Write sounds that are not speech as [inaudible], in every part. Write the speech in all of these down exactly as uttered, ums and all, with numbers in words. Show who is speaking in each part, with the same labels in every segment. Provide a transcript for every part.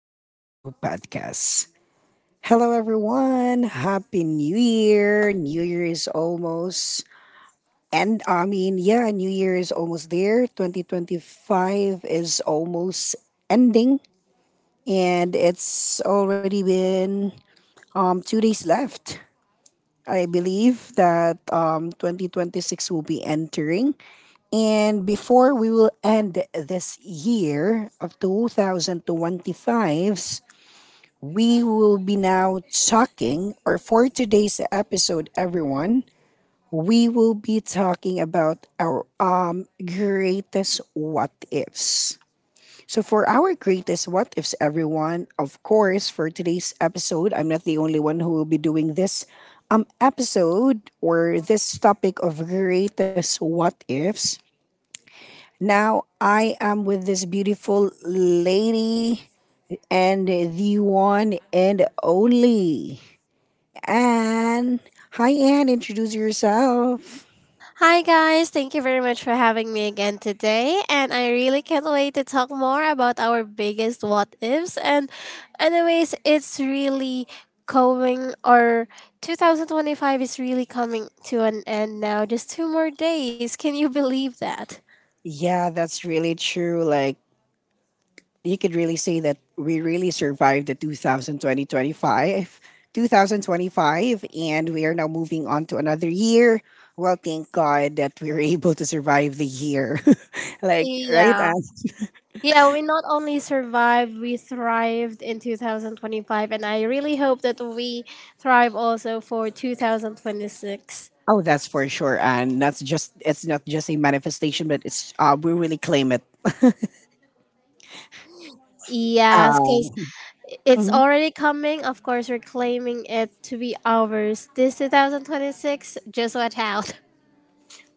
Speaker 1: of JoJo Podcasts. Hello, everyone. Happy New Year. New Year is almost. And I mean, yeah, New Year is almost there. twenty twenty-five is almost ending, and it's already been um, two days left. I believe that um, twenty twenty-six will be entering. And before we will end this year of two thousand twenty-fives, we will be now talking, or for today's episode, everyone, we will be talking about our um, greatest what ifs. So, for our greatest what ifs, everyone, of course, for today's episode, I'm not the only one who will be doing this um, episode or this topic of greatest what ifs. Now, I am with this beautiful lady and the one and only Anne. Hi, Anne, introduce yourself.
Speaker 2: Hi, guys. Thank you very much for having me again today. And I really can't wait to talk more about our biggest what ifs. And, anyways, it's really coming, or two thousand twenty-five is really coming to an end now. Just two more days. Can you believe that?
Speaker 1: Yeah, that's really true. Like, you could really say that we really survived the two thousand twenty 2025, and we are now moving on to another year. Well, thank God that we were [laughs] able to survive the year, [laughs] like, right,
Speaker 2: Yeah.
Speaker 1: Anne?
Speaker 2: Yeah, we not only survived, we thrived in twenty twenty-five. And I really hope that we thrive also for two thousand twenty-six.
Speaker 1: Oh, that's for sure, and that's just, it's not just a manifestation, but it's uh, we really claim it.
Speaker 2: Yes, 'cause it's
Speaker 1: uh,
Speaker 2: already coming. Of course, we're claiming it to be ours. This two thousand twenty-six, just watch out.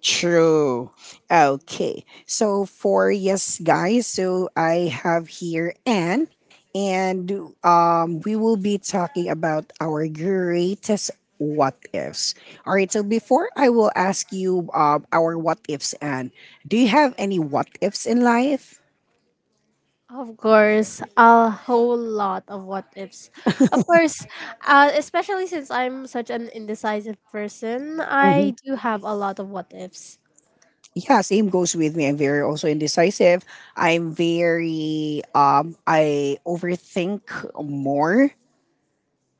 Speaker 1: True. Okay. So for, yes, guys, so I have here Anne, and um we will be talking about our greatest what ifs. All right, so before I will ask you um our what ifs, Anne, do you have any what ifs in life?
Speaker 2: Of course, a whole lot of what ifs. Of course, uh, especially since I'm such an indecisive person, I
Speaker 1: Hmm.
Speaker 2: do have a lot of what ifs.
Speaker 1: Yeah, same goes with me. I'm very also indecisive. I'm very um I overthink more,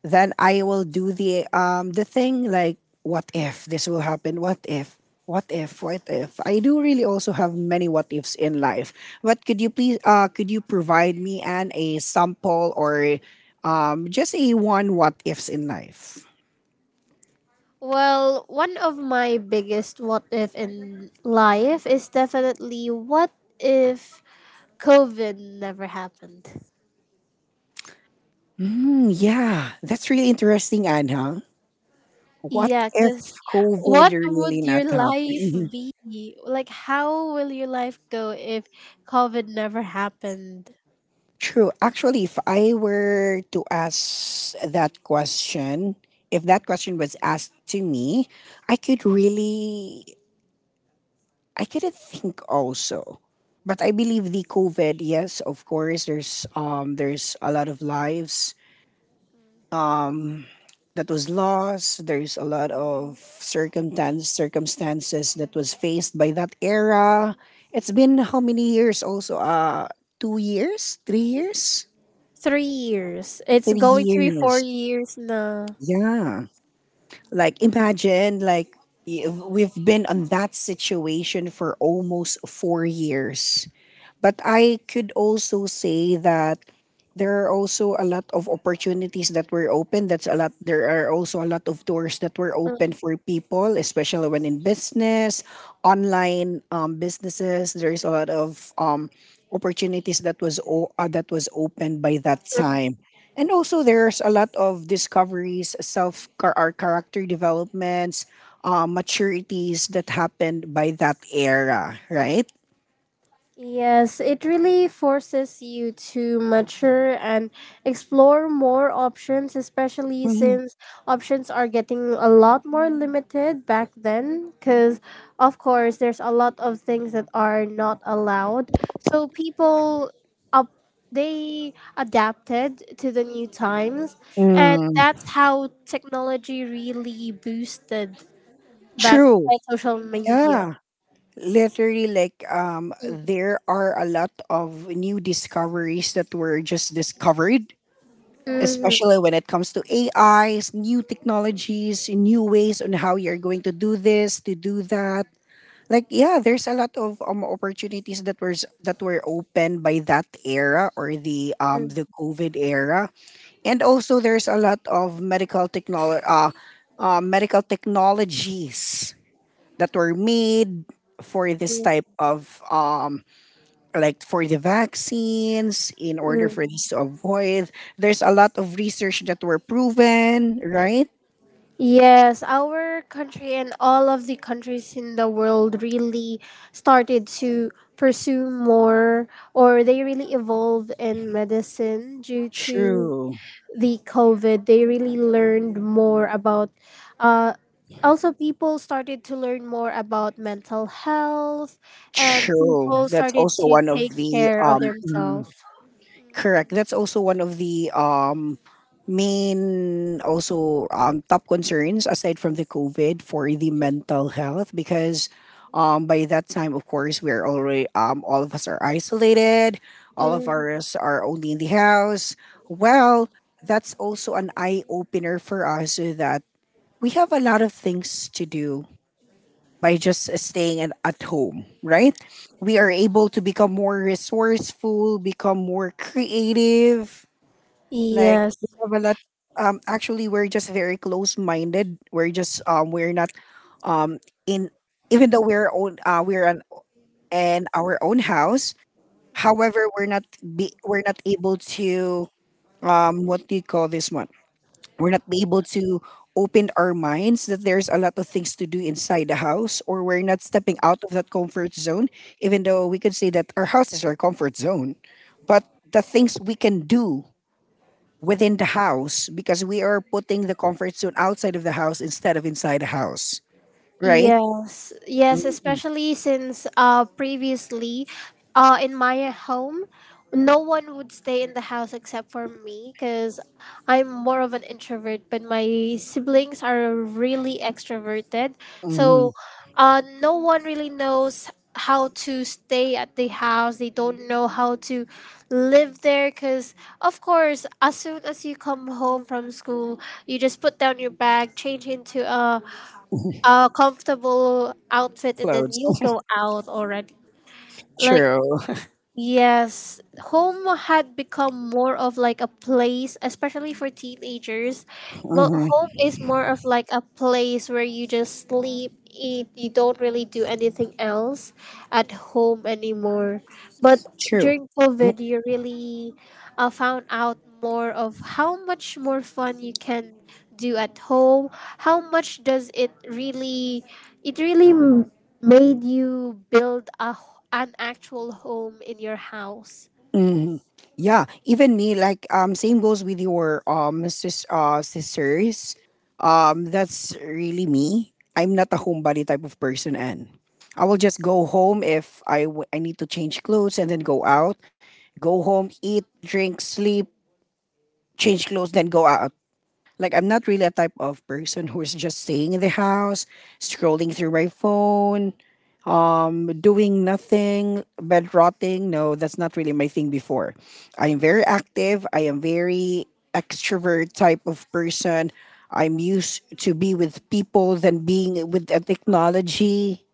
Speaker 1: then I will do the um the thing, like, what if this will happen? What if? What if? What if? I do really also have many what ifs in life. But could you please uh could you provide me an a sample, or um just a one what ifs in life?
Speaker 2: Well, one of my biggest what if in life is definitely what if COVID never happened?
Speaker 1: Hmm, yeah, that's really interesting, Anha. What
Speaker 2: Yeah,
Speaker 1: if
Speaker 2: because
Speaker 1: COVID
Speaker 2: what
Speaker 1: really
Speaker 2: would
Speaker 1: not
Speaker 2: your life
Speaker 1: happened? [laughs]
Speaker 2: be? Like, how will your life go if COVID never happened?
Speaker 1: True. Actually, if I were to ask that question, if that question was asked to me, I could really, I couldn't think also. But I believe the COVID, yes, of course, there's um there's a lot of lives that was lost. There's a lot of circumstance circumstances that was faced by that era. It's been how many years also? Uh two years? Three years?
Speaker 2: Three years. It's
Speaker 1: Three
Speaker 2: going to be four
Speaker 1: years.
Speaker 2: years now.
Speaker 1: Yeah. Like, imagine, like y- we've been on that situation for almost four years. But I could also say that there are also a lot of opportunities that were open. That's a lot. There are also a lot of doors that were open for people, especially when in business, online um, businesses. There is a lot of um, opportunities that was o- uh, that was opened by that time. And also, there's a lot of discoveries, self char- or character developments, uh, maturities that happened by that era, right?
Speaker 2: Yes, it really forces you to mature and explore more options, especially
Speaker 1: Mhm.
Speaker 2: since options are getting a lot more limited back then. Because, of course, there's a lot of things that are not allowed. So people up they adapted to the new times, and
Speaker 1: Mm.
Speaker 2: that's how technology really boosted back
Speaker 1: True.
Speaker 2: by social media.
Speaker 1: Yeah. Literally, like, um, there are a lot of new discoveries that were just discovered, especially
Speaker 2: Mhm,
Speaker 1: when it comes to A Is, new technologies, new ways on how you're going to do this, to do that. Like, yeah, there's a lot of um opportunities that were that were open by that era, or the um the COVID era. And also, there's a lot of medical technology uh, uh medical technologies that were made for this
Speaker 2: mhm,
Speaker 1: type of um like, for the vaccines, in order for
Speaker 2: mhm.
Speaker 1: this to avoid. There's a lot of research that were proven, right?
Speaker 2: Yes, our country and all of the countries in the world really started to pursue more, or they really evolved in medicine due to
Speaker 1: true
Speaker 2: the COVID. They really learned more about, uh, also, people started to learn more about mental health, and
Speaker 1: True.
Speaker 2: people
Speaker 1: that's
Speaker 2: started
Speaker 1: also
Speaker 2: to
Speaker 1: one of
Speaker 2: take
Speaker 1: the
Speaker 2: care of
Speaker 1: um mm,
Speaker 2: themselves.
Speaker 1: Correct. That's also one of the um, main, also um, top concerns aside from the COVID, for the mental health, because um, by that time, of course, we're already um, all of us are isolated. All of
Speaker 2: Mhm.
Speaker 1: us are only in the house. Well, that's also an eye opener for us, that we have a lot of things to do by just staying at, at home, right? We are able to become more resourceful, become more creative. Like, we
Speaker 2: Yes.
Speaker 1: have a lot. Um, actually, we're just very close-minded. We're just um, we're not um in, even though we're own uh, we're an in our own house. However, we're not be, we're not able to um what do you call this one? We're not able to open our minds that there's a lot of things to do inside the house, or we're not stepping out of that comfort zone, even though we could say that our house is our comfort zone, but the things we can do within the house, because we are putting the comfort zone outside of the house instead of inside the house, right?
Speaker 2: Yes, yes, especially since uh previously uh in my home, no one would stay in the house except for me, cuz I'm more of an introvert, but my siblings are really extroverted.
Speaker 1: Mm-hmm.
Speaker 2: So uh no one really knows how to stay at the house. They don't know how to live there, cuz of course as soon as you come home from school, you just put down your bag, change into a a comfortable outfit, and then
Speaker 1: Clothes.
Speaker 2: you go out already.
Speaker 1: [laughs]
Speaker 2: Like,
Speaker 1: True. [laughs]
Speaker 2: yes, home had become more of like a place, especially for teenagers, but
Speaker 1: Mhm.
Speaker 2: home is more of like a place where you just sleep, eat, you don't really do anything else at home anymore. But
Speaker 1: True.
Speaker 2: during COVID, you really uh, found out more of how much more fun you can do at home. How much does it really, it really m- made you build a, h- an actual home in your house?
Speaker 1: Hmm. Yeah, even me. Like, um, same goes with your um sis- uh, sisters. Um, that's really me. I'm not a homebody type of person, and I will just go home if I w- I need to change clothes and then go out, go home, eat, drink, sleep, change clothes, then go out. Like, I'm not really a type of person who's just staying in the house, scrolling through my phone, um, doing nothing, bed rotting. No, that's not really my thing before. I am very active. I am very extrovert type of person. I'm used to be with people than being with a technology.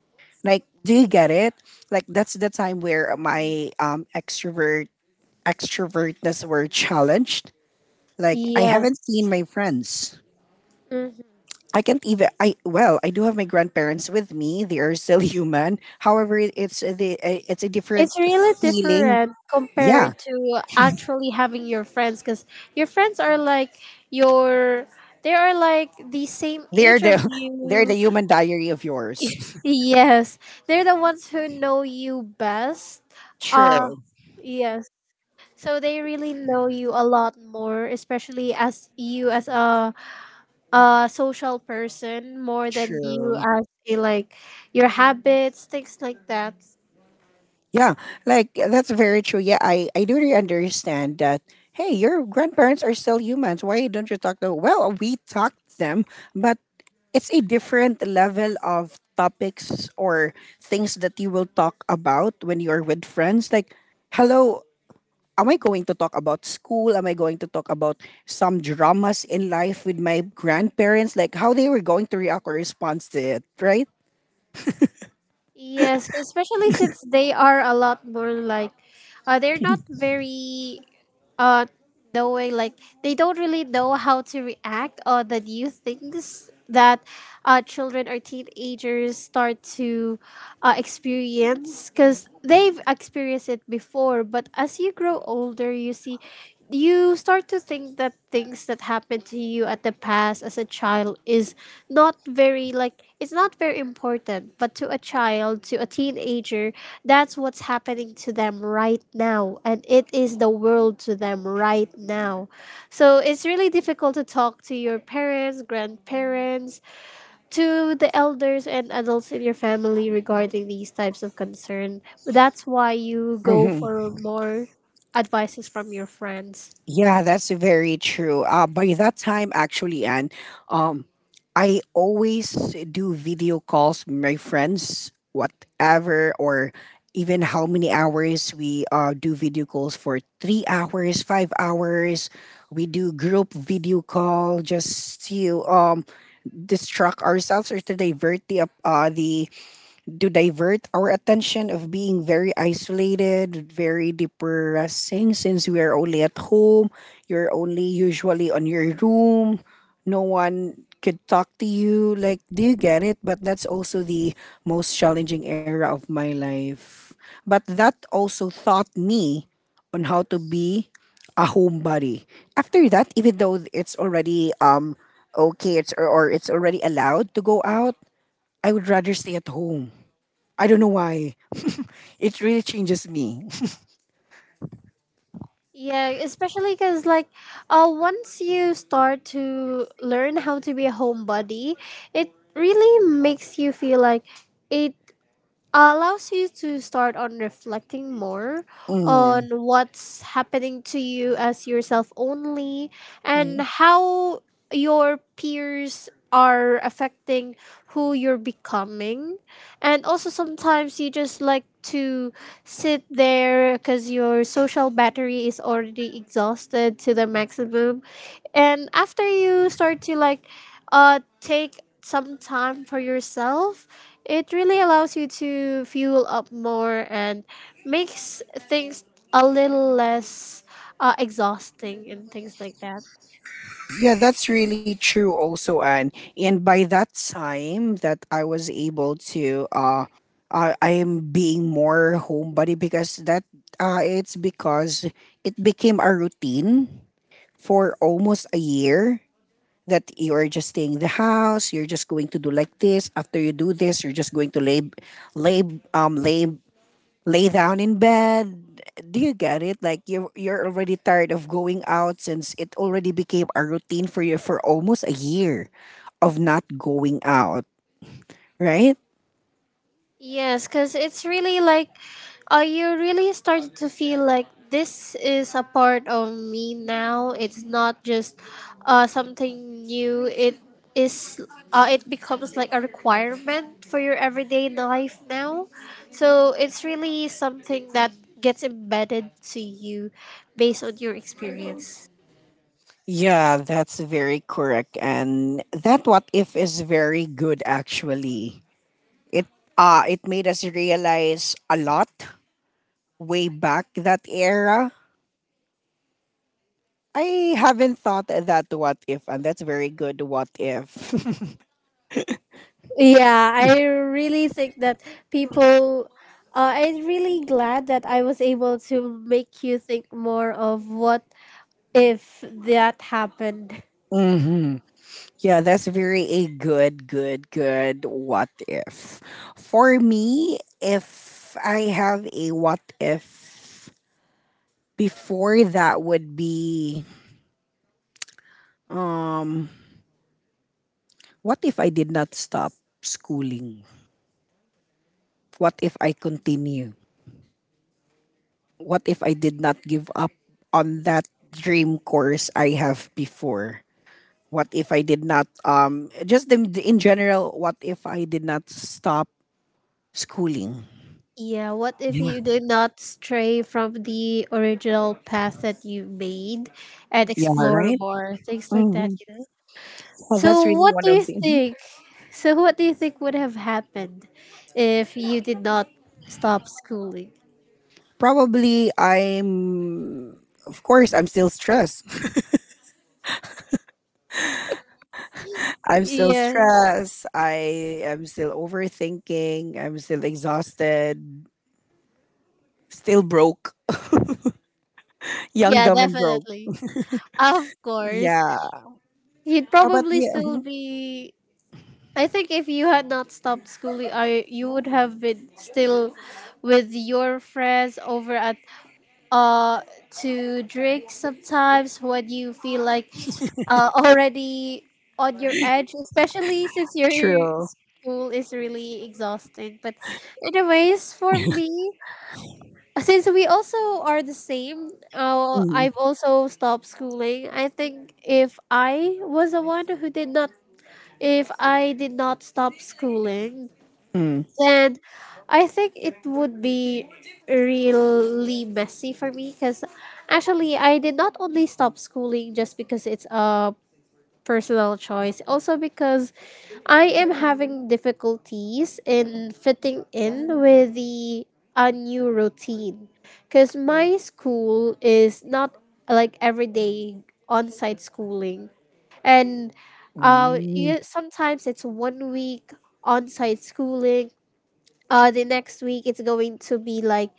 Speaker 1: Like, do you get it? Like, that's the time where my um, extrovert extrovertness were challenged. Like, I haven't
Speaker 2: Yes.
Speaker 1: seen my friends. I can't even. I, well, I do have my grandparents with me. They are still [laughs] human. However, it- it's a- the uh, it's a different
Speaker 2: It's really
Speaker 1: feeling.
Speaker 2: different
Speaker 1: Yeah,
Speaker 2: compared to actually having your friends, because your friends are like your, they are like the same
Speaker 1: they're
Speaker 2: age of
Speaker 1: the [laughs] they're
Speaker 2: you.
Speaker 1: the human diary of yours. [laughs]
Speaker 2: Yes, they're the ones who know you best. uh
Speaker 1: True,
Speaker 2: yes, so they really know you a lot more, especially as you as a, a social person, more than you
Speaker 1: true.
Speaker 2: as a, like, your habits, things like that.
Speaker 1: Yeah, like, that's very true. Yeah, I I do really understand that. Hey, your grandparents are still humans. Why don't you talk to them? Well, we talk to them, but it's a different level of topics, or things that you will talk about when you're with friends. Like, hello, am I going to talk about school? Am I going to talk about some dramas in life with my grandparents? Like, how they were going to react or response to it, right?
Speaker 2: Yes, especially since they are a lot more like, uh, they're not very uh knowing, like they don't really know how to react on the new things that uh, children or teenagers start to uh, experience, because they've experienced it before, but as you grow older you see, you start to think that things that happened to you at the past as a child is not very like, it's not very important, but to a child, to a teenager, that's what's happening to them right now, and it is the world to them right now. So it's really difficult to talk to your parents, grandparents, to the elders and adults in your family regarding these types of concern. That's why you go
Speaker 1: Mm-hmm.
Speaker 2: for more advices from your friends.
Speaker 1: Yeah, that's very true. Uh, by that time, actually, and um, I always do video calls with my friends, whatever, or even how many hours we uh, do video calls for three hours, five hours. We do group video call just to um, distract ourselves, or to divert the uh, the to divert our attention of being very isolated, very depressing, since we are only at home, you're only usually on your room, no one could talk to you. Like, do you get it? But that's also the most challenging era of my life. But that also taught me on how to be a homebody. After that, even though it's already um okay, it's or it's already allowed to go out, I would rather stay at home. I don't know why. [laughs] It really changes me. [laughs]
Speaker 2: Yeah, especially because, like, uh, once you start to learn how to be a homebody, it really makes you feel like, it allows you to start on reflecting more
Speaker 1: Mm.
Speaker 2: on what's happening to you as yourself only, and
Speaker 1: Mm.
Speaker 2: how your peers are affecting who you're becoming. And also sometimes you just like to sit there because your social battery is already exhausted to the maximum, and after you start to, like, uh take some time for yourself, it really allows you to fuel up more and makes things a little less uh, exhausting and things like that.
Speaker 1: Yeah, that's really true also, and and by that time that I was able to uh I I am being more homebody, because that, uh it's because it became a routine for almost a year, that you are just staying in the house, you're just going to do like this, after you do this, you're just going to lay lay um lay lay down in bed. Do you get it? Like, you you're already tired of going out, since it already became a routine for you for almost a year of not going out, right?
Speaker 2: Yes, because it's really like, uh, you really started to feel like this is a part of me now. It's not just uh, something new. It is, uh, it becomes like a requirement for your everyday life now. So it's really something that gets embedded to you based on your experience.
Speaker 1: Yeah, that's very correct. And that what if is very good actually. It, uh it made us realize a lot way back that era. I haven't thought that what if, and that's very good what if.
Speaker 2: Yeah, I really think that people. Uh, I'm really glad that I was able to make you think more of what if that happened.
Speaker 1: [laughs] Mhm. Yeah, that's very a good, good, good what if. For me, if I have a what if before, that would be um what if I did not stop schooling? What if I continue? What if I did not give up on that dream course I have before? What if I did not um just in, in general, what if I did not stop schooling?
Speaker 2: Yeah, what if
Speaker 1: Yeah.
Speaker 2: you did not stray from the original path that you made and
Speaker 1: Yeah,
Speaker 2: explore
Speaker 1: right?
Speaker 2: more? Things like that, you know?
Speaker 1: Oh, that's
Speaker 2: So,
Speaker 1: really
Speaker 2: what
Speaker 1: one
Speaker 2: do you
Speaker 1: of the. Mhm.
Speaker 2: think? So, what do you think would have happened if you did not stop schooling?
Speaker 1: Probably I'm, of course, I'm still stressed. [laughs] I'm still
Speaker 2: Yeah,
Speaker 1: stressed. I am still overthinking. I'm still exhausted. Still broke. [laughs] Young,
Speaker 2: yeah,
Speaker 1: dumb and broke.
Speaker 2: definitely. Of course,
Speaker 1: Yeah.
Speaker 2: he'd
Speaker 1: How about
Speaker 2: probably still
Speaker 1: you?
Speaker 2: be. I think if you had not stopped schooling, I you would have been still with your friends over at uh to drink sometimes when you feel like uh already on your edge, especially since your
Speaker 1: True.
Speaker 2: school is really exhausting. But anyways, for me, since we also are the same, uh,
Speaker 1: Mm,
Speaker 2: I've also stopped schooling. I think if I was the one who did not, if I did not stop schooling,
Speaker 1: mm,
Speaker 2: then I think it would be really messy for me, because actually I did not only stop schooling just because it's a personal choice. Also, because I am having difficulties in fitting in with the a new routine. Because my school is not like everyday on site schooling. And uh,
Speaker 1: mm.
Speaker 2: you, sometimes it's one week on site schooling. Uh, the next week it's going to be like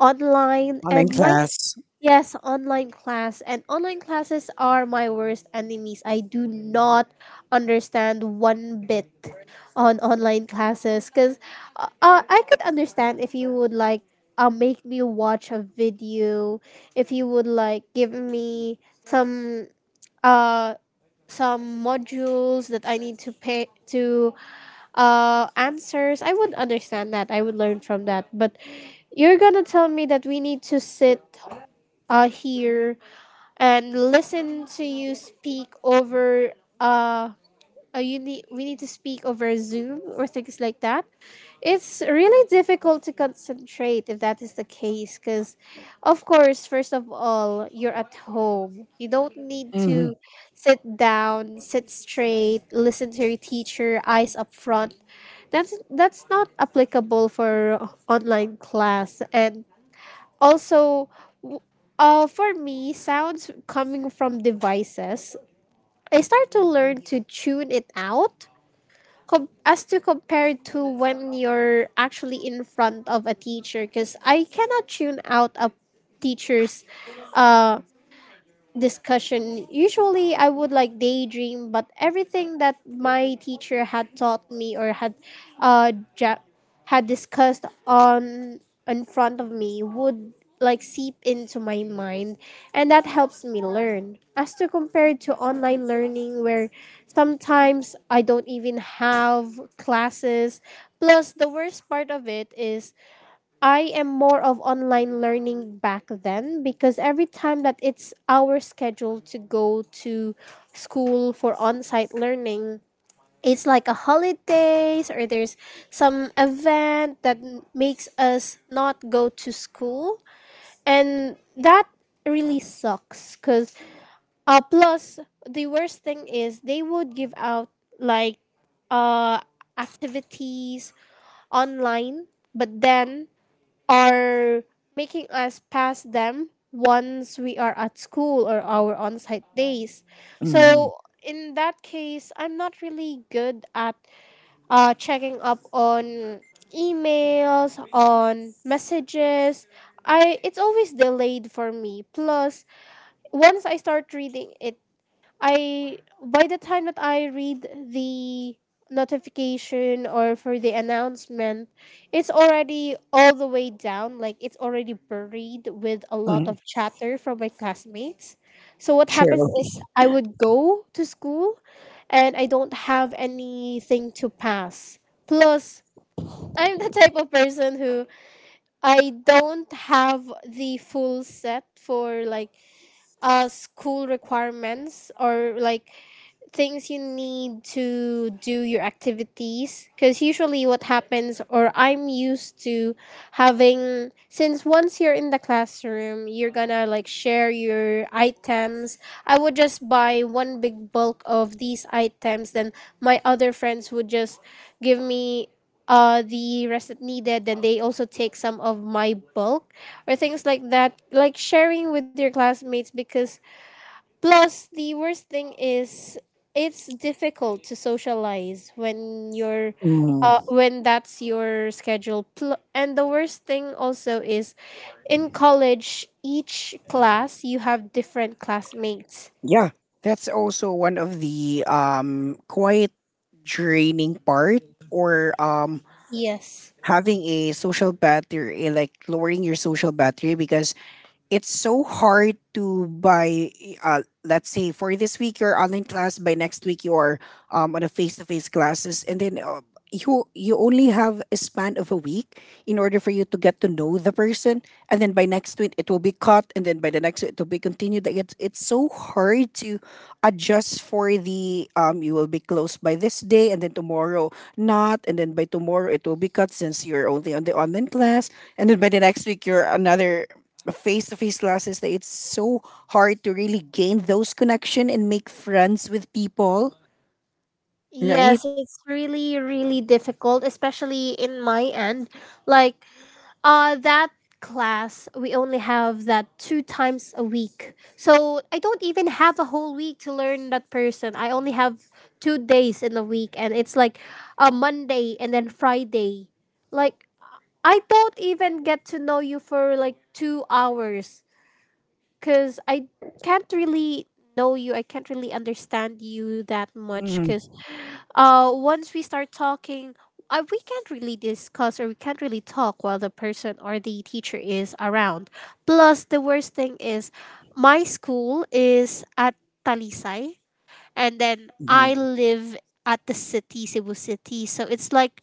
Speaker 2: online,
Speaker 1: Online
Speaker 2: and my,
Speaker 1: class.
Speaker 2: yes, online class, and online classes are my worst enemies. I do not understand one bit on online classes, because uh, uh, I could understand if you would like uh, make me watch a video, if you would like give me some uh some modules that I need to pay to uh answers. I would understand that. I would learn from that. But you're gonna tell me that we need to sit uh, here and listen to you speak over uh, uh you need, we need to speak over zoom or things like that. It's really difficult to concentrate if that is the case, because of course first of all you're at home, you don't need
Speaker 1: Mm,
Speaker 2: to sit down, sit straight, listen to your teacher, eyes up front. That's that's not applicable for online class. And also, uh, for me, sounds coming from devices, I start to learn to tune it out, com- as to compare to when you're actually in front of a teacher, because I cannot tune out a teacher's discussion. Usually, I would like daydream, but everything that my teacher had taught me or had, uh, ja- had discussed on in front of me would like seep into my mind, and that helps me learn. As to compared to online learning, where sometimes I don't even have classes. Plus, the worst part of it is I am more of online learning back then, because every time that it's our schedule to go to school for on-site learning, it's like a holidays or there's some event that makes us not go to school, and that really sucks, cuz uh plus the worst thing is they would give out like uh activities online, but then are making us pass them once we are at school or our on site days.
Speaker 1: mm,
Speaker 2: So, in that case, I'm not really good at uh, checking up on emails, on messages. I It's always delayed for me. Plus, once I start reading it, I by the time that I read the notification or for the announcement, it's already all the way down. Like it's already buried with a lot
Speaker 1: mm.
Speaker 2: of chatter from my classmates. So what happens
Speaker 1: True.
Speaker 2: is I would go to school and I don't have anything to pass. Plus, I'm the type of person who, I don't have the full set for like uh school requirements or like things you need to do your activities, because usually what happens, or I'm used to having, since once you're in the classroom you're gonna like share your items, I would just buy one big bulk of these items, then my other friends would just give me uh the rest that needed, then they also take some of my bulk or things like that, like sharing with your classmates because. Plus, the worst thing is it's difficult to socialize when you're uh,
Speaker 1: Mm.
Speaker 2: when that's your schedule. Pl- and the worst thing also is in college, each class you have different classmates.
Speaker 1: Yeah. That's also one of the um quite draining part or um
Speaker 2: Yes.
Speaker 1: having a social battery, like lowering your social battery, because it's so hard to buy uh, let's say for this week you're online class, by next week you're um, on a face-to-face classes, and then uh, you you only have a span of a week in order for you to get to know the person, and then by next week it will be cut and then by the next week it will be continued. Like it's, it's so hard to adjust for the um you will be closed by this day and then tomorrow not, and then by tomorrow it will be cut since you're only on the online class, and then by the next week you're another face to face classes, that it's so hard to really gain those connection and make friends with people, right?
Speaker 2: Yes, it's really, really difficult, especially in my end. Like, Uh, that class, we only have that two times a week. So I don't even have a whole week to learn that person. I only have two days in a week, and it's like a Monday and then Friday. Like, I don't even get to know you for like two hours because I can't really know you. I can't really understand you that much because
Speaker 1: Mm-hmm.
Speaker 2: uh once we start talking uh, we can't really discuss or we can't really talk while the person or the teacher is around. Plus the worst thing is my school is at talisay and then I
Speaker 1: mm
Speaker 2: live at the city, cebu city. So it's like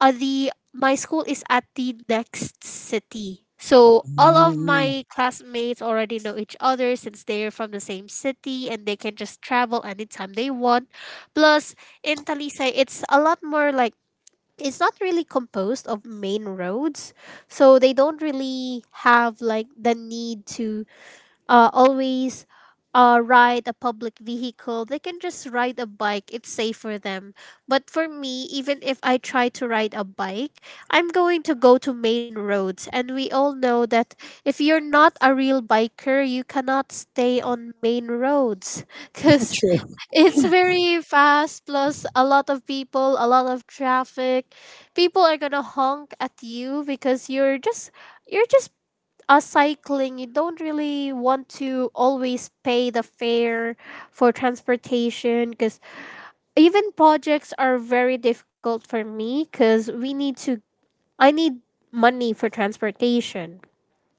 Speaker 2: uh, the my school is at the next city. So all of my
Speaker 1: Mm.
Speaker 2: classmates already know each other since they're from the same city, and they can just travel anytime they want. Plus, in Talisay, it's a lot more like it's not really composed of main roads. So they don't really have like the need to uh, always uh, ride a public vehicle. They can just ride a bike. It's safe for them. But for me, even if I try to ride a bike, I'm going to go to main roads. And we all know that if you're not a real biker, you cannot stay on main roads [laughs] because
Speaker 1: True.
Speaker 2: it's very fast, plus a lot of people, a lot of traffic. People are going to honk at you because you're just you're just uh, cycling. You don't really want to always pay the fare for transportation because even projects are very difficult for me because we need to, I need money for transportation.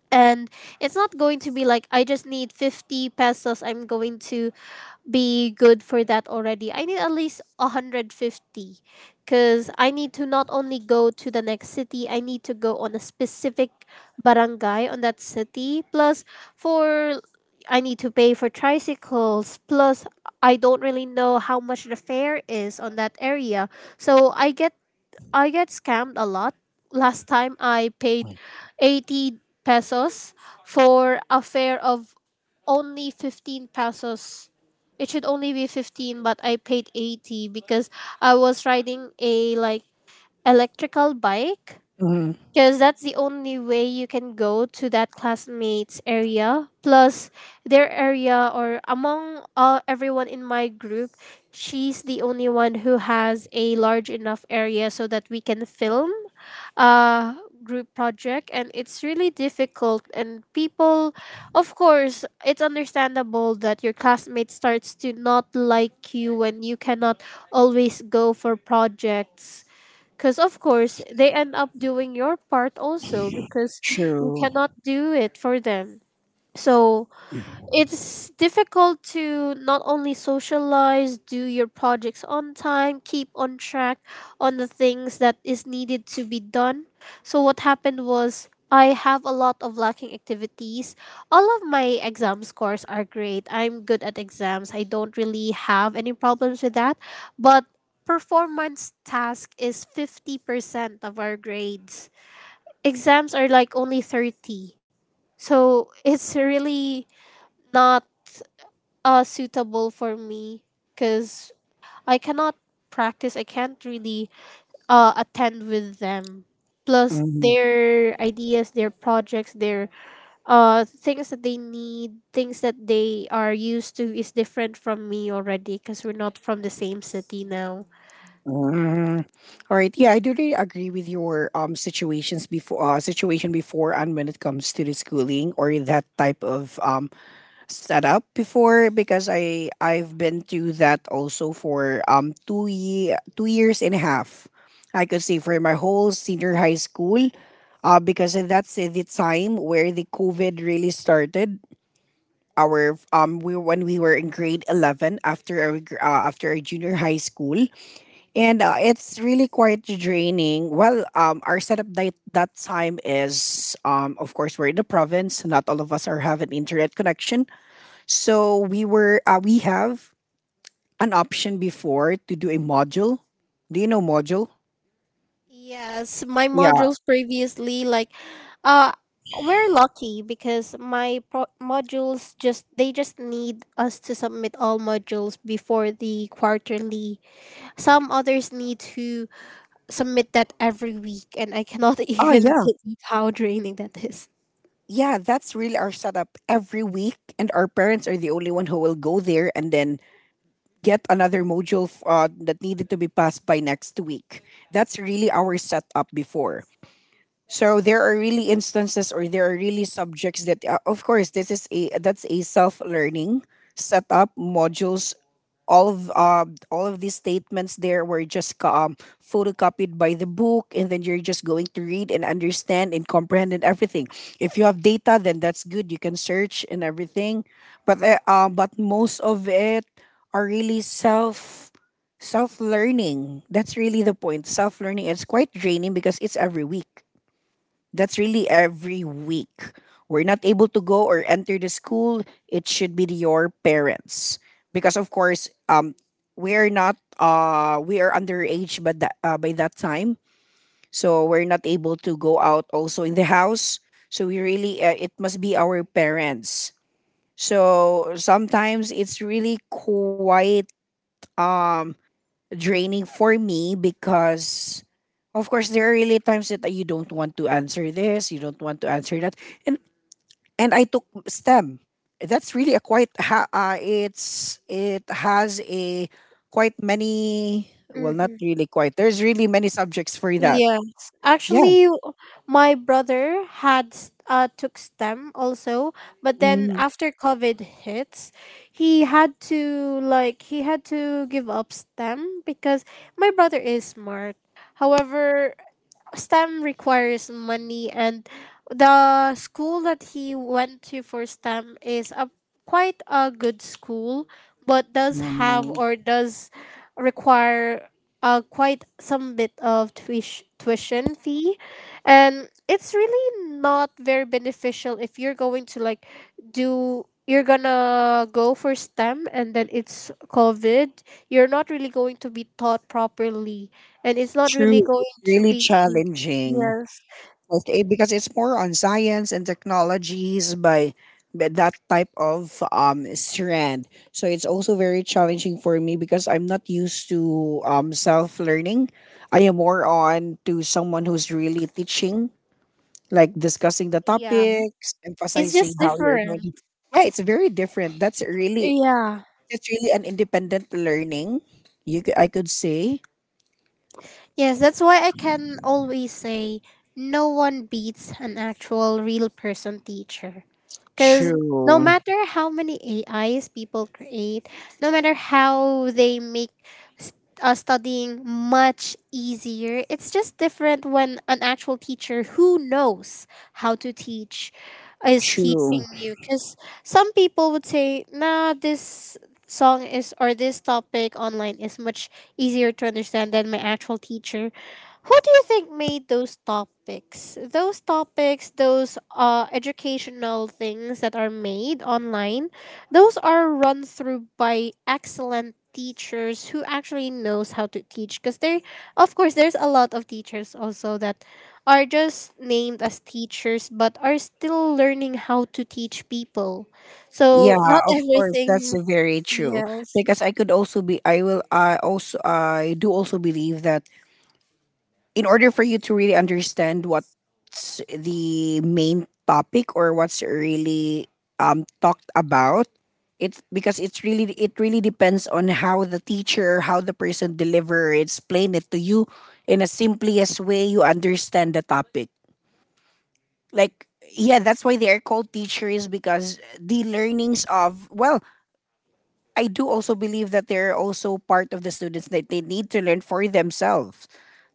Speaker 2: And it's not going to be like I just need fifty pesos, I'm going to be good for that already. I need at least one hundred fifty because I need to not only go to the next city, I need to go on a specific barangay on that city. Plus, for I need to pay for tricycles. Plus, I don't really know how much the fare is on that area. So I get I get scammed a lot. Last time I paid eighty pesos for a fare of only fifteen pesos. It should only be fifteen, but I paid eighty because I was riding a like electrical bike.
Speaker 1: Mhm.
Speaker 2: Because that's the only way you can go to that classmates area. Plus, their area, or among uh, everyone in my group, she's the only one who has a large enough area so that we can film uh group project. And it's really difficult, and people, of course it's understandable that your classmate starts to not like you when you cannot always go for projects because of course they end up doing your part also because you
Speaker 1: True.
Speaker 2: cannot do it for them. So it's difficult to not only socialize, do your projects on time, keep on track on the things that is needed to be done. So what happened was I have a lot of lacking activities. All of my exam scores are great. I'm good at exams. I don't really have any problems with that. But performance task is fifty percent of our grades. Exams are like only thirty. So it's really not uh suitable for me because I cannot practice. I can't really uh attend with them. Plus
Speaker 1: Mhm.
Speaker 2: their ideas, their projects, their uh things that they need, things that they are used to is different from me already because we're not from the same city now.
Speaker 1: Mhm. All right. Yeah, I do really agree with your um situations before, uh, situation before, and when it comes to the schooling or that type of um set up before, because I I've been to that also for um two ye- two years and a half. I could say for my whole senior high school, uh, because that's the time where the COVID really started. Our um we when we were in grade eleven after our gr- uh, after our junior high school, and uh, it's really quite draining. Well, um, our setup that that time is, um of course, we're in the province. Not all of us are have an internet connection, so we were uh, we have an option before to do a module. Do you know module?
Speaker 2: Yes, my
Speaker 1: Yeah.
Speaker 2: modules previously, like, uh, we're lucky because my pro- modules, just they just need us to submit all modules before the quarterly. Some others need to submit that every week, and I cannot [laughs]
Speaker 1: Oh
Speaker 2: even
Speaker 1: yeah.
Speaker 2: think of how draining that is.
Speaker 1: Yeah, that's really our setup every week, and our parents are the only one who will go there and then get another module f- uh, that needed to be passed by next week. That's really our setup before. So there are really instances, or there are really subjects that, uh, of course this is a that's a self-learning setup modules, all of um, all of these statements there were just co- um, photocopied by the book, and then you're just going to read and understand and comprehend and everything. If you have data, then that's good, you can search and everything. But uh, um, but most of it are really self self learning. That's really the point, self learning. It's quite draining because it's every week. That's really every week. We're not able to go or enter the school. It should be your parents because, of course, um, we are not uh we are underage, but that uh, by that time, so we're not able to go out also in the house. So we really uh, it must be our parents. So sometimes it's really quite um draining for me, because of course there are really times that you don't want to answer this, you don't want to answer that. And and I took STEM. That's really a quite ha- uh, it's it has a quite many, well, not
Speaker 2: Mhm.
Speaker 1: really quite. There's really many subjects for that.
Speaker 2: Yes,
Speaker 1: Yeah.
Speaker 2: actually, w- my brother had s- uh took S T E M also, but then
Speaker 1: Mm,
Speaker 2: after COVID hits, he had to like he had to give up S T E M because my brother is smart. However, S T E M requires money, and the school that he went to for S T E M is a quite a good school, but does have,
Speaker 1: wow.
Speaker 2: or does require uh, quite some bit of tuish- tuition fee, and it's really not very beneficial if you're going to like do you're gonna go for S T E M and then it's COVID. You're not really going to be taught properly, and it's not really
Speaker 1: True.
Speaker 2: going
Speaker 1: It's
Speaker 2: to
Speaker 1: really
Speaker 2: be.
Speaker 1: challenging.
Speaker 2: Yes.
Speaker 1: Okay, because it's more on science and technologies by, by that type of um strand. So it's also very challenging for me, because I'm not used to um self learning. I am more on to someone who's really teaching, like discussing the
Speaker 2: Yeah.
Speaker 1: topics,
Speaker 2: It's
Speaker 1: emphasizing
Speaker 2: just
Speaker 1: how you're going
Speaker 2: different.
Speaker 1: to. Yeah, it's very different. That's really
Speaker 2: Yeah.
Speaker 1: that's really an independent learning. You c- I could say.
Speaker 2: Yes, that's why I can always say no one beats an actual real person teacher. Because no
Speaker 1: True.
Speaker 2: matter how many A Is people create, no matter how they make st- uh, studying much easier, it's just different when an actual teacher who knows how to teach is teaching
Speaker 1: True.
Speaker 2: you. Because some people would say, nah, this song is, or this topic online is much easier to understand than my actual teacher. Who do you think made those topics? Those topics, those uh, educational things that are made online, those are run through by excellent teachers who actually knows how to teach because they, of course there's a lot of teachers also that are just named as teachers but are still learning how to teach people,
Speaker 1: Yeah,
Speaker 2: so not
Speaker 1: of
Speaker 2: [laughs]
Speaker 1: course, that's
Speaker 2: everything.
Speaker 1: very true.
Speaker 2: Yes.
Speaker 1: Because I could also be, I will, I also, I do also believe that in order for you to really understand what's the main topic or what's really um talked about, it's because it's really it really depends on how the teacher, how the person deliver, explain it to you in a simplest way you understand the topic. Like yeah, that's why they are called teachers, because the learnings of, well, I do also believe that they're also part of the students that they need to learn for themselves.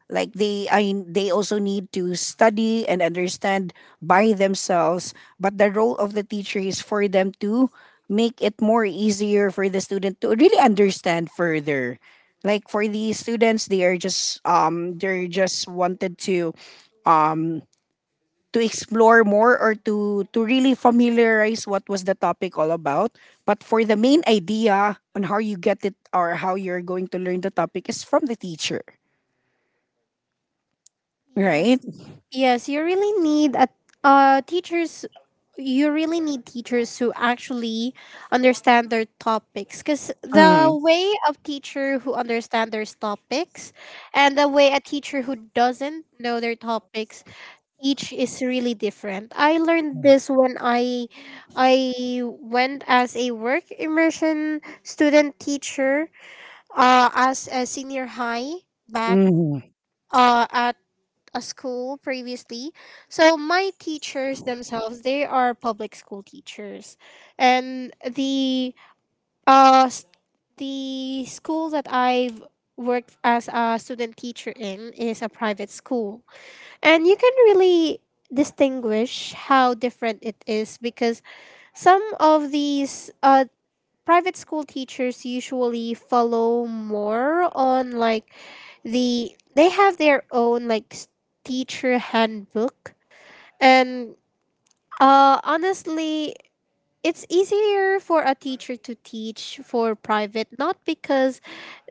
Speaker 1: Like they I they also need to study and understand by themselves, but the role of the teacher is for them to make it more easier for the student to really understand further. Like for the students, they are just um they're just wanted to to explore more or to to really familiarize what was the topic all about, but for the main idea on how you get it or how you're going to learn the topic is from the teacher,
Speaker 2: Yes,
Speaker 1: right?
Speaker 2: yes, you really need a uh, teachers. You really need teachers who actually understand their topics, because the
Speaker 1: Mm.
Speaker 2: way of teacher who understand their topics, and the way a teacher who doesn't know their topics, each is really different. I learned this when I I went as a work immersion student teacher, uh, as a senior high back,
Speaker 1: Mm-hmm.
Speaker 2: uh, at a school previously. So my teachers themselves, they are public school teachers, and the uh s- the school that I've worked as a student teacher in is a private school, and you can really distinguish how different it is because some of these uh private school teachers usually follow more on like the they have their own like s- teacher handbook. And uh honestly, it's easier for a teacher to teach for private, not because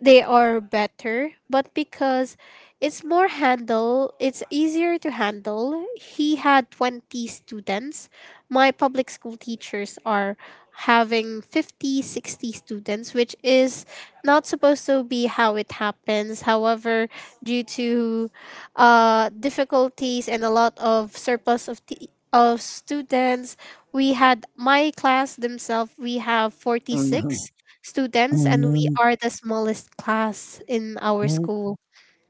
Speaker 2: they are better, but because it's more handle it's easier to handle. He had twenty students. My public school teachers are having fifty, sixty students, which is not supposed to be how it happens. However, due to uh, difficulties and a lot of surplus of t- of students, we had, my class themselves, we have
Speaker 1: Mm-hmm.
Speaker 2: forty-six students, and we
Speaker 1: Mm-hmm.
Speaker 2: are the smallest class in our school.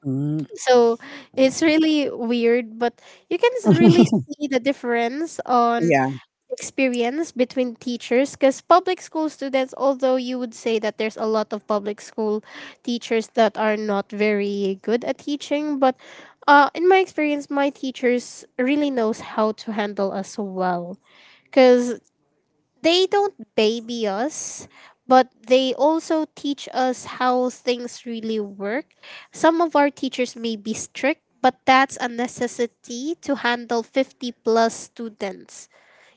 Speaker 1: Mm-hmm.
Speaker 2: So it's really weird, but you can s- really see the difference on
Speaker 1: Yeah.
Speaker 2: experience between teachers because public school students, although you would say that there's a lot of public school teachers that are not very good at teaching, but uh, in my experience, my teachers really knows how to handle us well because they don't baby us, but they also teach us how things really work. Some of our teachers may be strict, but that's a necessity to handle fifty plus students.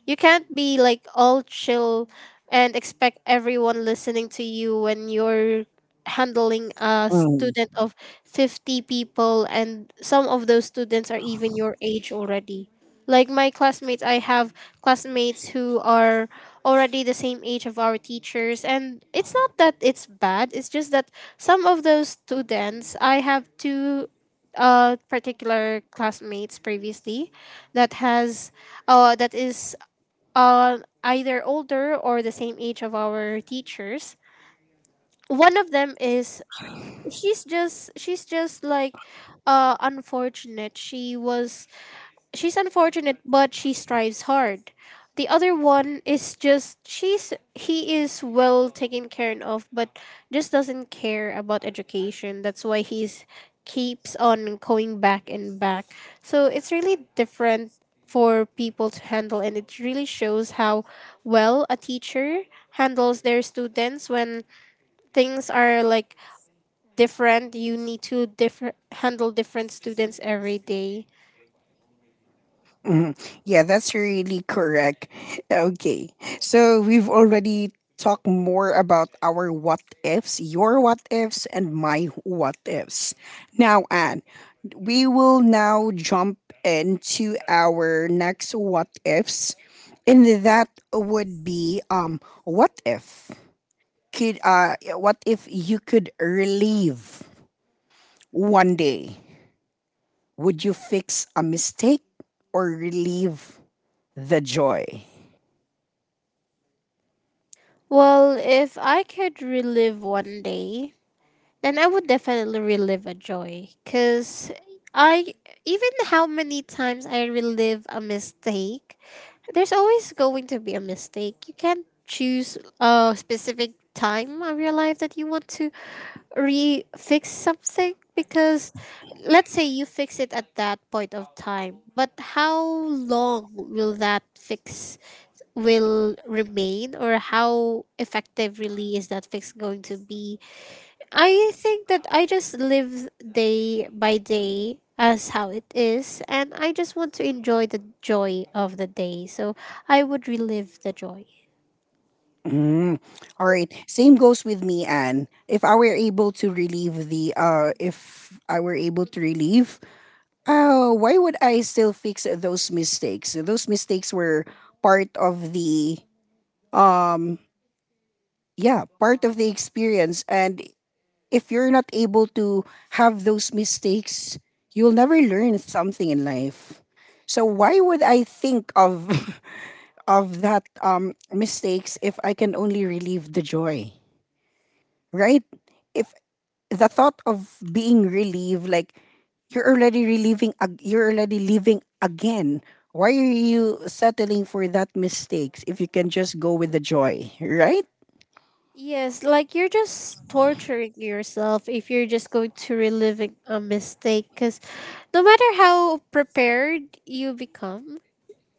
Speaker 2: You can't be like all chill and expect everyone listening to you when you're handling a student of fifty people, and some of those students are even your age already. Like my classmates, I have classmates who are already the same age of our teachers, and it's not that it's bad, it's just that some of those students, I have two uh particular classmates previously that has uh that is uh, either older or the same age of our teachers. One of them is, she's just she's just like uh unfortunate. She was she's unfortunate but she strives hard. The other one is, just she's he is well taken care of but just doesn't care about education, that's why he's keeps on going back and back. So it's really different for people to handle, and it really shows how well a teacher handles their students when things are like different, you need to differ- handle different students every day.
Speaker 1: Mhm. Yeah, that's really correct. Okay. So we've already talked more about our what ifs, your what ifs, and my what ifs. Now, Anne, we will now jump into our next what ifs. And that would be um what if could uh what if you could relieve one day? Would you fix a mistake or relieve the joy?
Speaker 2: Well, if I could relive one day, then I would definitely relive a joy. Cause I even how many times I relive a mistake, there's always going to be a mistake. You can't choose a specific time of your life that you want to re fix something because let's say you fix it at that point of time, but how long will that fix will remain, or how effective really is that fix going to be. I think that I just live day by day as how it is, and I just want to enjoy the joy of the day. So I would relive the joy.
Speaker 1: Mm. All right. Same goes with me, Anne. If I were able to relieve the uh if I were able to relieve, uh, why would I still fix those mistakes? Those mistakes were part of the um yeah, part of the experience. And if you're not able to have those mistakes, you'll never learn something in life. So why would I think of [laughs] of that um mistakes if I can only relieve the joy, right? If the thought of being relieved, like you're already relieving, ag- you're already living again. Why are you settling for that mistakes if you can just go with the joy, right?
Speaker 2: Yes, like you're just torturing yourself if you're just going to reliving a mistake because no matter how prepared you become,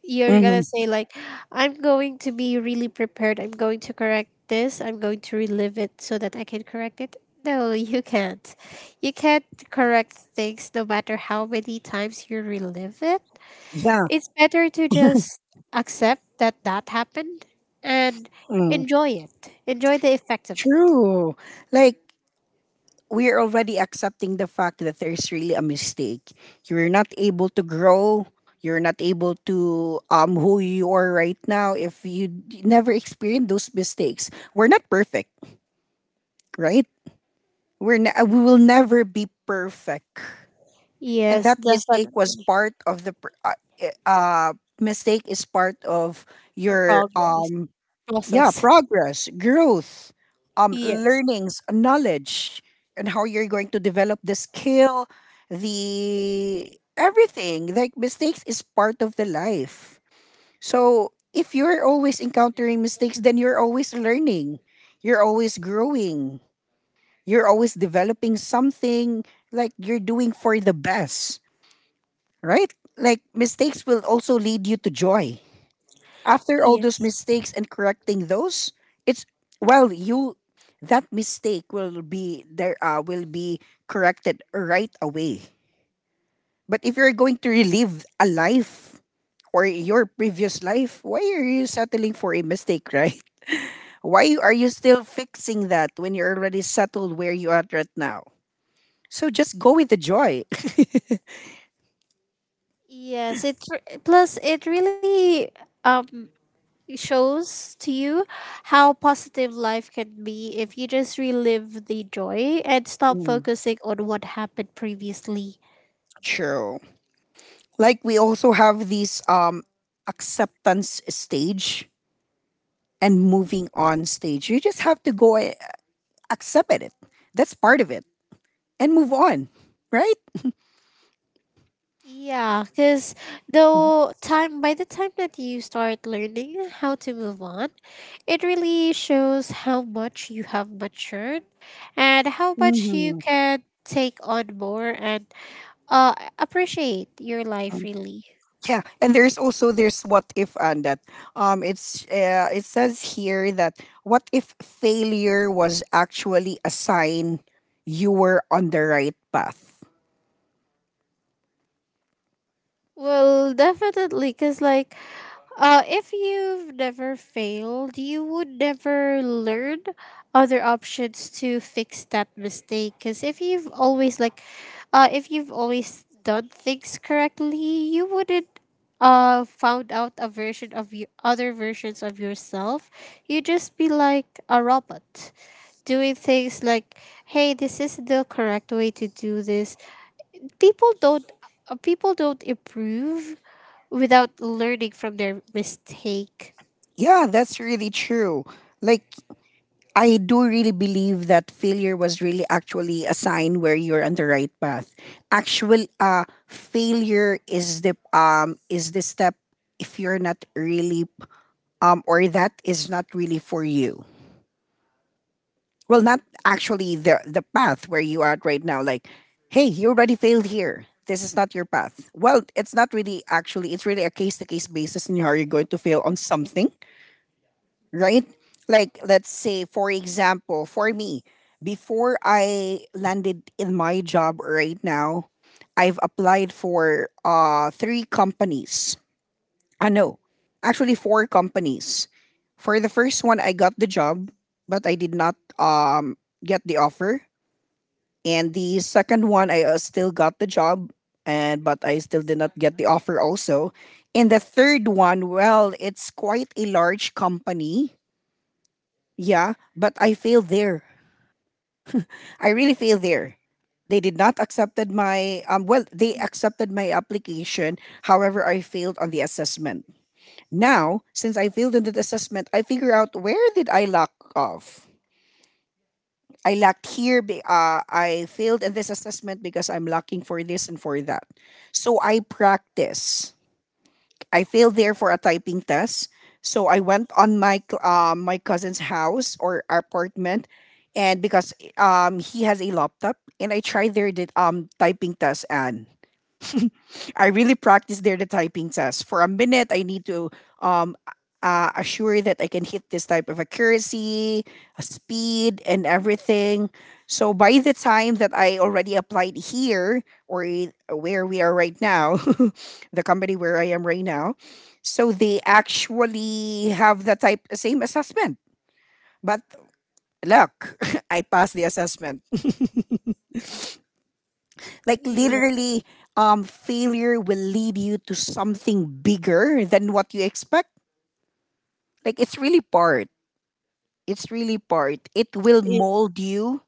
Speaker 2: you're
Speaker 1: Mm-hmm.
Speaker 2: gonna say like I'm going to be really prepared, I'm going to correct this, I'm going to relive it so that I can correct it. No, [laughs] you can't. You can't correct things no matter how many times you relive it.
Speaker 1: Yeah,
Speaker 2: It's better to just accept that that happened, and
Speaker 1: mm.
Speaker 2: enjoy it, enjoy the effect of it.
Speaker 1: True. Like we're already accepting the fact that there's really a mistake. You're not able to grow. You're not able to um who you are right now if you d- never experience those mistakes. We're not perfect, right? We're ne- we will never be perfect, and
Speaker 2: Yes,
Speaker 1: that mistake was
Speaker 2: definitely.
Speaker 1: part of the pr- uh, i- uh mistake is part of
Speaker 2: The
Speaker 1: your
Speaker 2: progress,
Speaker 1: um yeah,
Speaker 2: process.
Speaker 1: progress, growth, um
Speaker 2: Yes.
Speaker 1: learnings, knowledge, and how you're going to develop the skill, the everything. Like mistakes is part of the life. So if you're always encountering mistakes, then you're always learning. You're always growing, you're always developing something, like you're doing for the best, right? Like mistakes will also lead you to joy. After all those
Speaker 2: Yes.
Speaker 1: mistakes and correcting those, it's, well, you that mistake will be there uh, will be corrected right away. But if you're going to relive a life or your previous life, why are you settling for a mistake, [laughs] right? Why are you still fixing that when you're already settled where you are right now? So just go with the joy. [laughs]
Speaker 2: Yes, it re- plus it really um it shows to you how positive life can be if you just relive the joy and stop
Speaker 1: Mm.
Speaker 2: focusing on what happened previously.
Speaker 1: True. Like we also have this um acceptance stage and moving on stage. You just have to go a- accept it. That's part of it and move on, right?
Speaker 2: Yeah, because though time by the time that you start learning how to move on, it really shows how much you have matured and how much you
Speaker 1: Mhm.
Speaker 2: can take on more and uh appreciate your life,
Speaker 1: Um,
Speaker 2: really.
Speaker 1: yeah, and there's also there's what if and that. Um, it's uh, it says here that what if failure was actually a sign you were on the right path.
Speaker 2: Well, definitely, because like, Uh, if you've never failed, you would never learn other options to fix that mistake. Because if you've always like, uh, if you've always done things correctly, you wouldn't uh found out a version of your other versions of yourself. You'd just be like a robot doing things like, hey, this is the correct way to do this. People don't uh, people don't improve without learning from their mistake.
Speaker 1: Yeah, that's really true. Like I do really believe that failure was really actually a sign where you're on the right path. Actual uh failure is the um is the step if you're not really um or that is not really for you. Well, not actually the the path where you are at right now, like hey, you already failed here. This is not your path. Well, it's not really actually it's really a case to case basis in how you're going to fail on something, right? Like, let's say, for example, for me, before I landed in my job right now, I've applied for uh, three companies. I know, actually, four companies. For the first one, I got the job, but I did not um, get the offer. And the second one, I uh, still got the job, and but I still did not get the offer also. And the third one, well, it's quite a large company, yeah, but I failed there. I really failed there. They did not accepted my um well, they accepted my application. However, I failed on the assessment. Now, since I failed on the assessment, I figure out where did I lack off. I lacked here. be- Uh, I failed in this assessment because I'm lacking for this and for that. So I practice. I failed there for a typing test. So I went on my cl- um, my cousin's house or apartment, and because um, he has a laptop, and I tried their did- um typing test, and I really practice there the typing test. For a minute, I need to um, uh, assure that I can hit this type of accuracy, uh, speed, and everything. So by the time that I already applied here or i- where we are right now, [laughs] the company where I am right now, so they actually have the type same assessment. But look, [laughs] I passed the assessment. Like
Speaker 2: Yes,
Speaker 1: literally, um, failure will lead you to something bigger than what you expect. Like it's really part. It's really part. It will
Speaker 2: it-
Speaker 1: mold you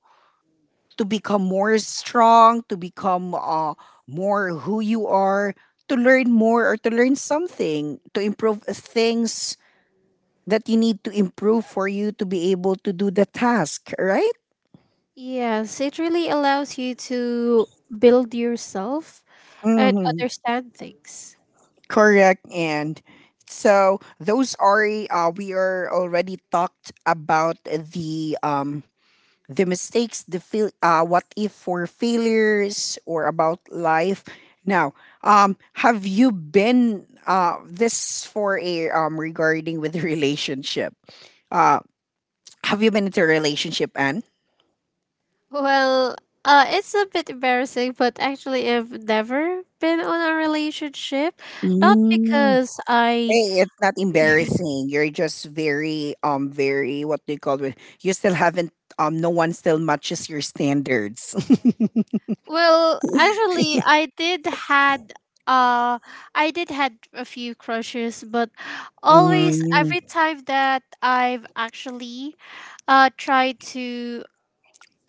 Speaker 1: to become more strong, to become uh, more who you are, to learn more or to learn something, to improve things that you need to improve for you to be able to do the task, right?
Speaker 2: Yes, it really allows you to build yourself and understand things.
Speaker 1: Correct. And so those are uh, we are already talked about the um the mistakes, the fail, uh, what if for failures or about life. Now, um, have you been uh this for a um regarding with [laughs] relationship? Uh, have you been into a relationship, Anne?
Speaker 2: Well, uh, it's a bit embarrassing, but actually, I've never been on a relationship. Not because I.
Speaker 1: Thing. It's not embarrassing. You're just very um very what do you call it? You still haven't um no one still matches your standards. [laughs]
Speaker 2: Well, actually, I did had uh I did had a few crushes, but always
Speaker 1: Mm,
Speaker 2: every time that I've actually uh tried to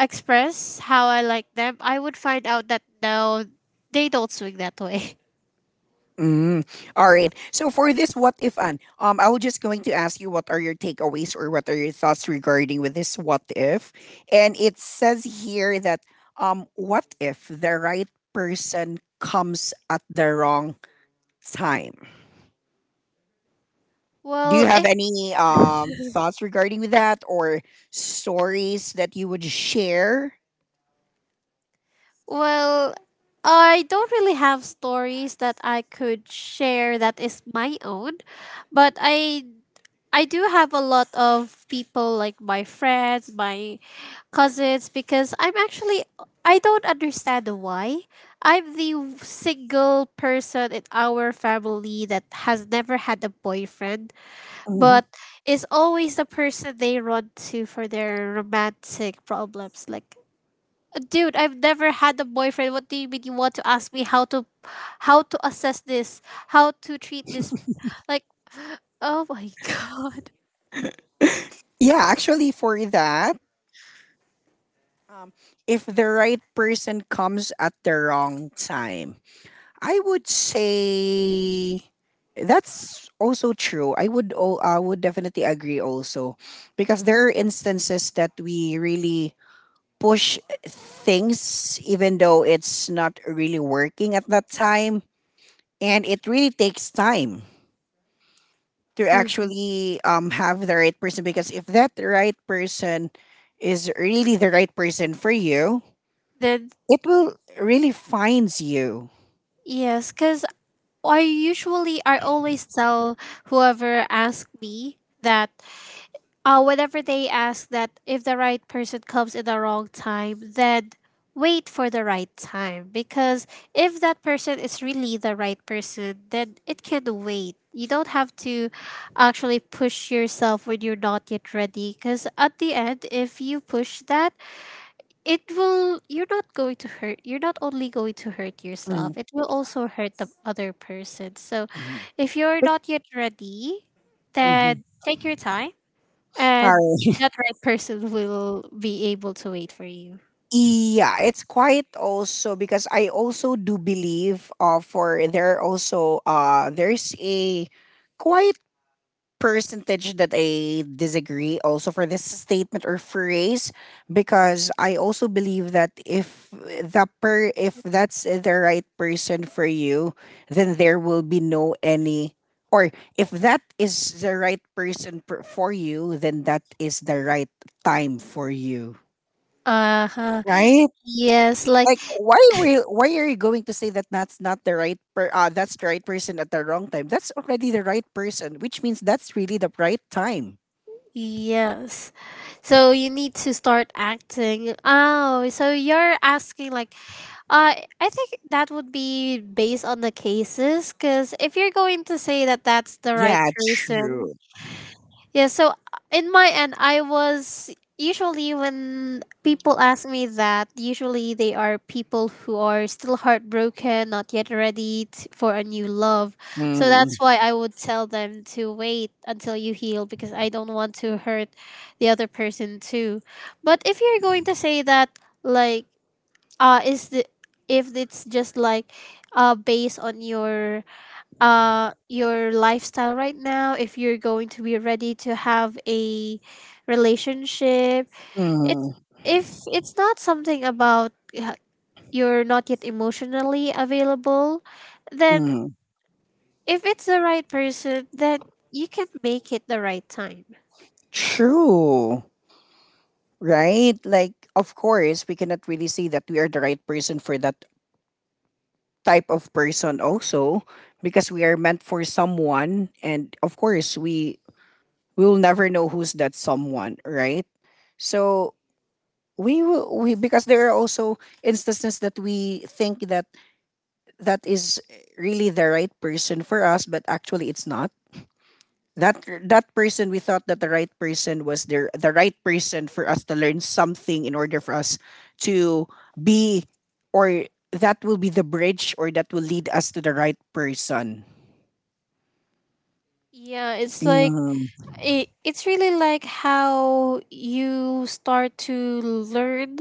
Speaker 2: express how I like them, I would find out that no, they don't swing that way. [laughs]
Speaker 1: mm. All right. So for this what if an um I was just going to ask you what are your takeaways or what are your thoughts regarding with this what if? And it says here that um what if the right person comes at the wrong time? Do you
Speaker 2: Well,
Speaker 1: have
Speaker 2: if
Speaker 1: any um thoughts regarding with that or stories that you would share?
Speaker 2: well, I don't really have stories that I could share that is my own, but I I do have a lot of people like my friends, my cousins. Because I'm actually I don't understand why I'm the single person in our family that has never had a boyfriend,
Speaker 1: Mhm.
Speaker 2: but is always the person they run to for their romantic problems, like, dude, I've never had a boyfriend, what do you mean you want to ask me how to how to assess this, how to treat this, like, oh my [laughs]
Speaker 1: Yeah, actually for that, um, if the right person comes at the wrong time, I would say that's also true. I would o- I would definitely agree also, because there are instances that we really push things even though it's not really working at that time, and it really takes time to
Speaker 2: god.
Speaker 1: actually um have the right person, because if that right person is really the right person for you,
Speaker 2: Then,
Speaker 1: it will really finds you.
Speaker 2: yes, because I usually I always tell whoever asks me that, uh whenever they ask that, if the right person comes in the wrong time, then wait for the right time, because if that person is really the right person, then it can wait. You don't have to actually push yourself when you're not yet ready, because at the end, if you push that, it will you're not going to hurt you're not only going to hurt
Speaker 1: Mm,
Speaker 2: yourself, it will also hurt the other person, so
Speaker 1: mhm.
Speaker 2: if you're
Speaker 1: But-
Speaker 2: not yet ready,
Speaker 1: mhm.
Speaker 2: then take your time,
Speaker 1: All
Speaker 2: and
Speaker 1: right.
Speaker 2: that right person will be able to wait for you.
Speaker 1: Yeah, it's quite also because I also do believe, uh for there also, uh there's a quiet percentage that I disagree also for this statement or phrase, because I also believe that if the per if that's the right person for you, then there will be no any, or if that is the right person, per, for you, then that is the right time for you.
Speaker 2: Uh-huh.
Speaker 1: Right?
Speaker 2: Yes, like.
Speaker 1: Like, why will why are you going to say that that's not the right per uh, that's the right person at the wrong time? That's already the right person, which means that's really the right time.
Speaker 2: Yes, so you need to start acting. Oh, so you're asking, like, Uh, I think that would be based on the cases, because if you're going to say that that's the right
Speaker 1: Yeah,
Speaker 2: person,
Speaker 1: true.
Speaker 2: yeah. So, uh, in my end, I was usually when people ask me that, usually they are people who are still heartbroken, not yet ready t- for a new love. So
Speaker 1: Mm,
Speaker 2: that's why I would tell them to wait until you heal, because I don't want to hurt the other person too. But if you're going to say that, like, uh is the if it's just like, uh based on your uh your lifestyle right now, if you're going to be ready to have a relationship. it's
Speaker 1: mm,
Speaker 2: if it's not something about, uh, you're not yet emotionally available, then
Speaker 1: mm.
Speaker 2: if it's the right person, then you can make it the right time.
Speaker 1: True, right? Like, of course, we cannot really say that we are the right person for that type of person also, because we are meant for someone, and of course we will never know who's that someone, right? So we will we because there are also instances that we think that that is really the right person for us, but actually it's not. That that person, we thought that the right person was there, the right person for us to learn something in order for us to be, or that will be the bridge, or that will lead us to the right person.
Speaker 2: Yeah, it's like,
Speaker 1: Hmm.
Speaker 2: it, it's really like how you start to learn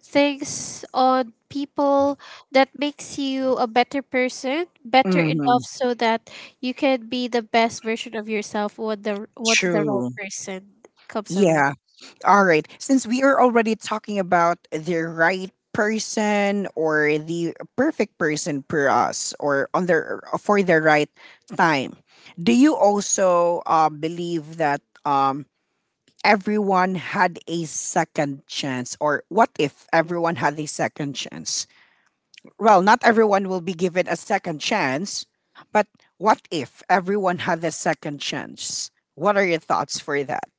Speaker 2: things on people, that makes you a better person, better enough
Speaker 1: Hmm.
Speaker 2: so that you can be the best version of yourself when the once the right
Speaker 1: True.
Speaker 2: person comes around.
Speaker 1: Yeah. All right, since we are already talking about the right person, or the perfect person for us, or on the for the right time, do you also uh, believe that um everyone had a second chance, or what if everyone had a second chance? Well, not everyone will be given a second chance, but what if everyone had a second chance? What are your thoughts for that?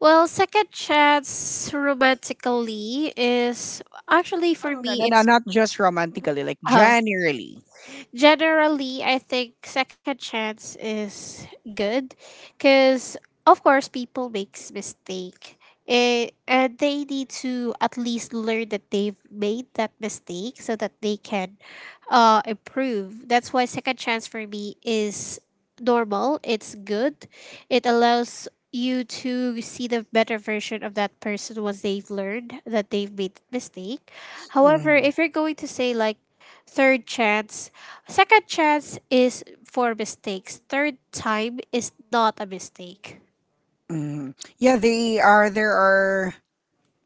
Speaker 2: Well, second chance romantically is, actually,
Speaker 1: Oh,
Speaker 2: for
Speaker 1: no, no, no,
Speaker 2: me,
Speaker 1: no,
Speaker 2: it's.
Speaker 1: not just romantically, like,
Speaker 2: [laughs]
Speaker 1: generally.
Speaker 2: Generally, I think second chance is good, because, of course, people makes mistake. Eh, and they need to at least learn that they've made that mistake, so that they can, uh, improve. That's why second chance for me is normal. It's good. It allows you to see the better version of that person once they've learned that they've made mistake. However,
Speaker 1: Mm,
Speaker 2: if you're going to say like third chance, second chance is for mistakes. Third time is not a mistake.
Speaker 1: mm. Yeah, they are there are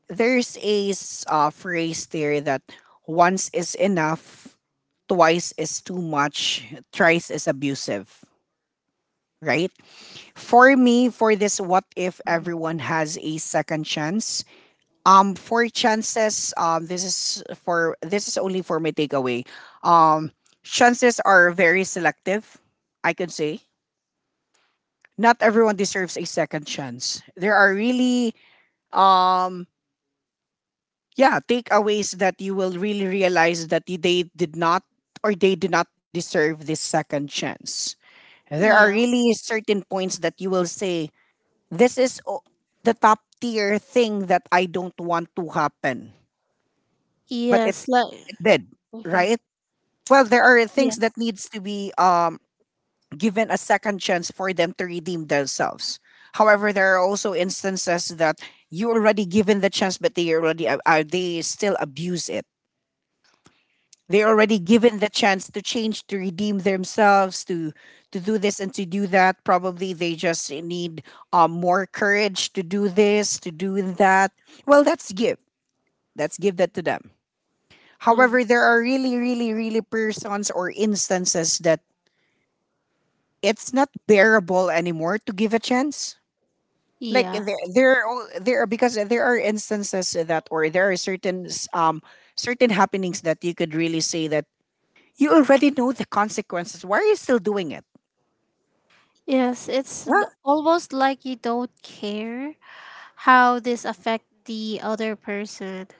Speaker 1: there's a s- uh, phrase there that once is enough, twice is too much, thrice is abusive, right? For me, for this, what if everyone has a second chance? Um, for chances, um, this is for this is only for my takeaway. Um, Chances are very selective. I could say not everyone deserves a second chance. There are really, um, yeah, takeaways that you will really realize that they did not, or they do not deserve this second chance. There are
Speaker 2: Yeah.
Speaker 1: really certain points that you will say, This is o- the top tier thing that I don't want to happen, but it,
Speaker 2: Yes. Like.
Speaker 1: it did,
Speaker 2: Mm-hmm.
Speaker 1: right? Well, there are
Speaker 2: Yeah.
Speaker 1: things that needs to be um, given a second chance for them to redeem themselves. However, there are also instances that you already given the chance, but they already, uh, uh, they still abuse it. They're already given the chance to change, to redeem themselves, to to do this and to do that. Probably they just need um, more courage to do this, to do that. Well, that's give. That's give that to them.
Speaker 2: Mm-hmm.
Speaker 1: However, there are really, really, really persons or instances that it's not bearable anymore to give a chance. Like there,
Speaker 2: Yes.
Speaker 1: there, are- there are, because there are instances that, or there are certain s- um certain happenings that you could really say that you already know the consequences. Why are you still doing it?
Speaker 2: Yes, it's n-
Speaker 1: Yeah.
Speaker 2: almost like you don't care how this affect the other person. [laughs]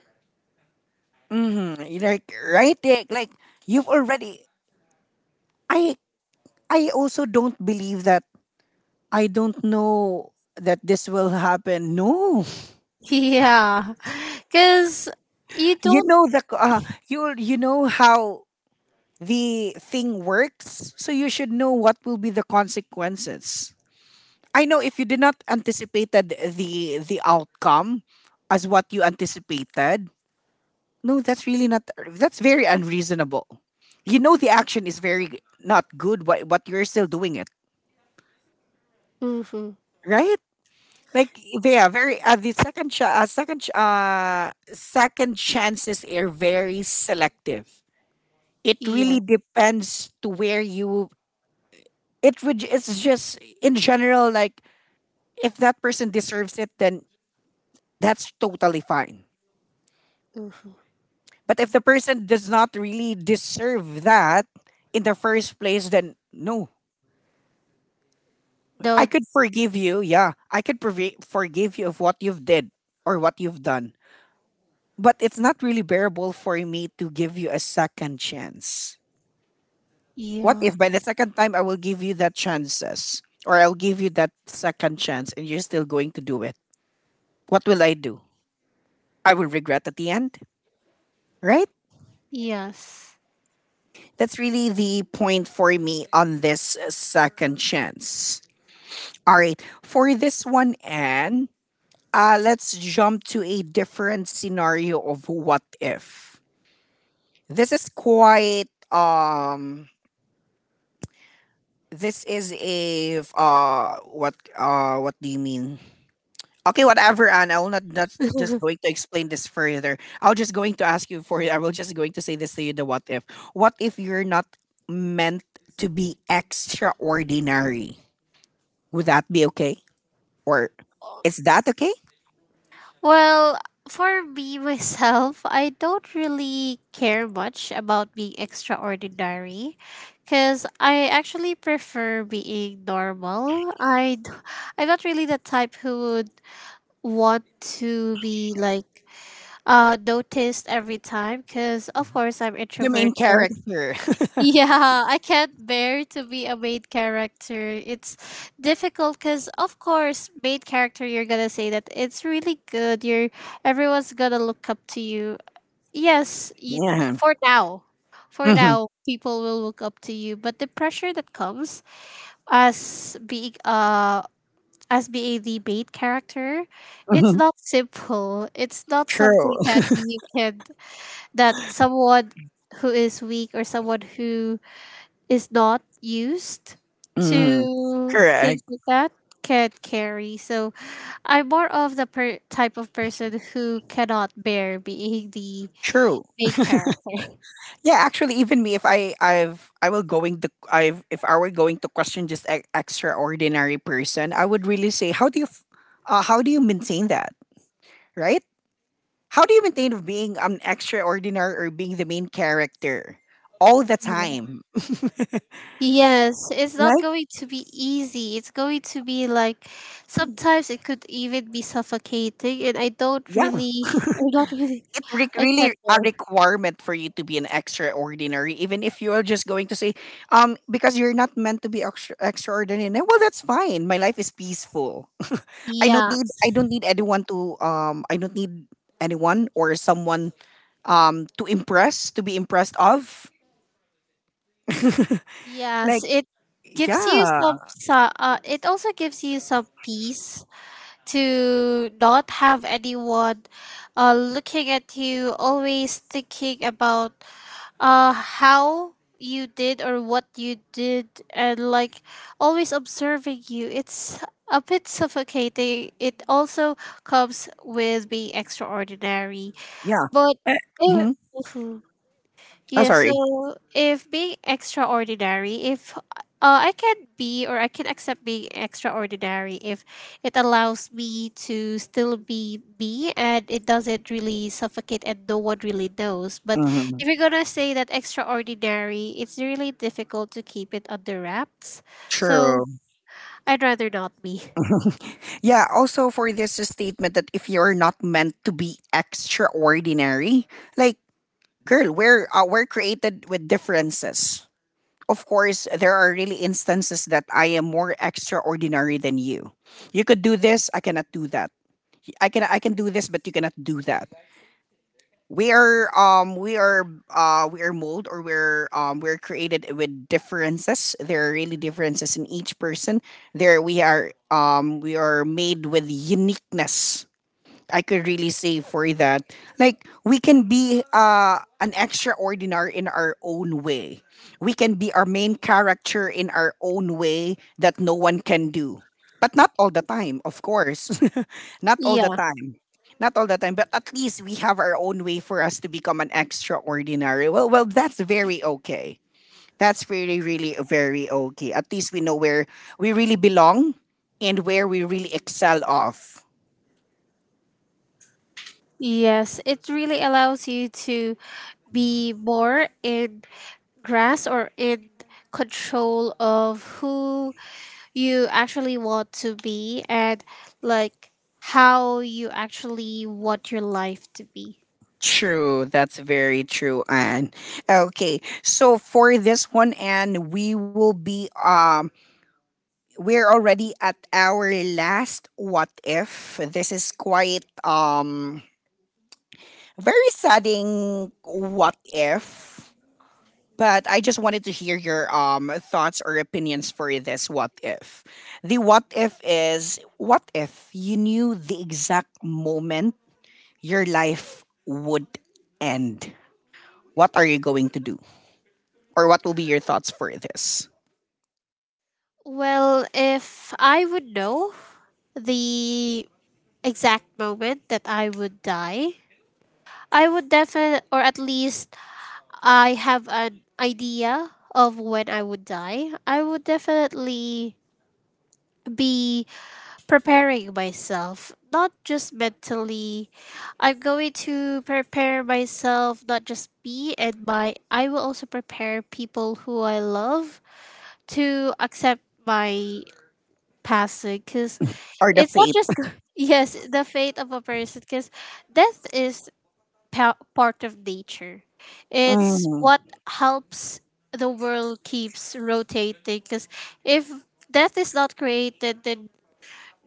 Speaker 1: Mm-hmm. Like right there, like you've already, I I also don't believe that I don't know that this will happen. No.
Speaker 2: Yeah. Cuz you
Speaker 1: You
Speaker 2: don't.
Speaker 1: know the c- uh, you you know how the thing works, so you should know what will be the consequences. I know if you did not anticipated the the outcome as what you anticipated. No, that's really not. That's very unreasonable. You know the action is very g- not good, but but you're still doing it,
Speaker 2: Mm-hmm.
Speaker 1: right? Like, yeah, very. Uh, the second ch- uh, second ch- uh, second chances are very selective. It
Speaker 2: Yeah.
Speaker 1: really depends to where you. It would. It's just in general. Like, if that person deserves it, then that's totally fine.
Speaker 2: Mm-hmm.
Speaker 1: But if the person does not really deserve that in the first place, then no, I
Speaker 2: Don't.
Speaker 1: could forgive you. Yeah, I could forgi- forgive you of what you've did, or what you've done. But it's not really bearable for me to give you a second chance. What
Speaker 2: Yeah.
Speaker 1: if by the second time I will give you that chances, or I'll give you that second chance and you're still going to do it? What will I do? I will regret at the end, right?
Speaker 2: Yes.
Speaker 1: That's really the point for me on this uh, second chance. All right, for this one, Anne, Uh, let's jump to a different scenario of what if. This is quite, um this is a, uh what uh what do you mean? Okay, whatever, and I will not, not just going to explain this further. I'll just going to ask you for it. I will just going to say this to you the what if. What if you're not meant to be extraordinary? Would that be okay? Or is that okay?
Speaker 2: Well, for me, [laughs] myself, I don't really care much about being extraordinary, because I actually prefer being normal. I d- I'm not really the type who would want to be, like, uh noticed every time, because of course I'm
Speaker 1: The main
Speaker 2: introverted.
Speaker 1: character.
Speaker 2: Yeah, I can't bear to be a main character. It's difficult because, of course, main character, you're gonna say that it's really good. You're everyone's gonna look up to you. Yes, y-
Speaker 1: [laughs] Yeah.
Speaker 2: for now, for
Speaker 1: Hmm.
Speaker 2: now, people will look up to you. But the pressure that comes as being uh as being the main character, it's
Speaker 1: Hmm.
Speaker 2: not simple. It's not
Speaker 1: True.
Speaker 2: something that you can that someone who is weak or someone who is not used
Speaker 1: Mhm.
Speaker 2: to
Speaker 1: Correct.
Speaker 2: things like that can't carry. So I'm more of the per- type of person who cannot bear being the
Speaker 1: True.
Speaker 2: main character. [laughs]
Speaker 1: Yeah, actually, even me, if I, I've, I will going to, I've, if I were going to question just an extraordinary person, I would really say, how do you, f- uh, how do you maintain that, right? How do you maintain of being an extraordinary, or being the main character all the
Speaker 2: Yeah.
Speaker 1: time?
Speaker 2: Yes, it's not
Speaker 1: Like,
Speaker 2: going to be easy. It's going to be like, sometimes it could even be suffocating, and I don't
Speaker 1: yeah,
Speaker 2: really, or not [laughs] really,
Speaker 1: it re-
Speaker 2: I can't
Speaker 1: really a
Speaker 2: bear.
Speaker 1: requirement for you to be an extraordinary, even if you are just going to say, um, because you're not meant to be extra- extraordinary. No, well, that's fine. My life is peaceful. [laughs] I don't
Speaker 2: Yeah.
Speaker 1: need. I don't need anyone to. Um, I don't need anyone or someone. Um, to impress, to be impressed of.
Speaker 2: Yes,
Speaker 1: Like,
Speaker 2: it gives you
Speaker 1: yeah,
Speaker 2: some, so- uh, it also gives you some peace, to not have anyone uh, looking at you, always thinking about, uh, how you did or what you did, and like always observing you. It's a bit suffocating. It also comes with being extraordinary.
Speaker 1: yeah.
Speaker 2: But
Speaker 1: Eh.
Speaker 2: it,
Speaker 1: Mm-hmm. Oh,
Speaker 2: yeah, so
Speaker 1: sorry.
Speaker 2: if being extraordinary, if, uh, I can be, or I can accept being extraordinary if it allows me to still be me and it doesn't really suffocate and no one really knows. But
Speaker 1: Mm-hmm.
Speaker 2: if you're gonna say that extraordinary, it's really difficult to keep it under wraps. So
Speaker 1: True.
Speaker 2: I'd rather not be.
Speaker 1: Yeah, also for this statement that if you're not meant to be extraordinary, like, girl, we're uh, we're created with differences. Of course, there are really instances that I am more extraordinary than you. You could do this, I cannot do that. I can I can do this, but you cannot do that. We are um we are uh we are mold, or we're um we're created with differences. There are really differences in each person. There we are um we are made with uniqueness, I could really say for that. Like, we can be uh an extraordinary in our own way. We can be our main character in our own way that no one can do. But not all the time, of course. [laughs] Not all the
Speaker 2: Yeah.
Speaker 1: time. Not all the time, but at least we have our own way for us to become an extraordinary. Well, well, that's very okay. That's really, really very okay. At least we know where we really belong, and where we really excel of.
Speaker 2: Yes, it really allows you to be more in grasp or in control of who you actually want to be, and, like, how you actually want your life to be.
Speaker 1: True, that's very true, Anne. Okay, so for this one, Anne, we will be um we're already at our last what if. This is quite, um very saddening what if. But I just wanted to hear your um thoughts or opinions for this what if. The what if is, what if you knew the exact moment your life would end? What are you going to do? Or what will be your thoughts for this,
Speaker 2: Well, if I would know the exact moment that I would die, I would definitely, or at least I have an idea of when I would die. I would definitely be preparing myself, not just mentally. I'm going to prepare myself, not just me and my I will also prepare people who I love, to accept my passing, because
Speaker 1: or the
Speaker 2: it's not
Speaker 1: fate?
Speaker 2: just [laughs] yes, the fate of a person, because death is pa- part of nature. It's
Speaker 1: Mhm,
Speaker 2: what helps the world keeps rotating, because if death is not created, then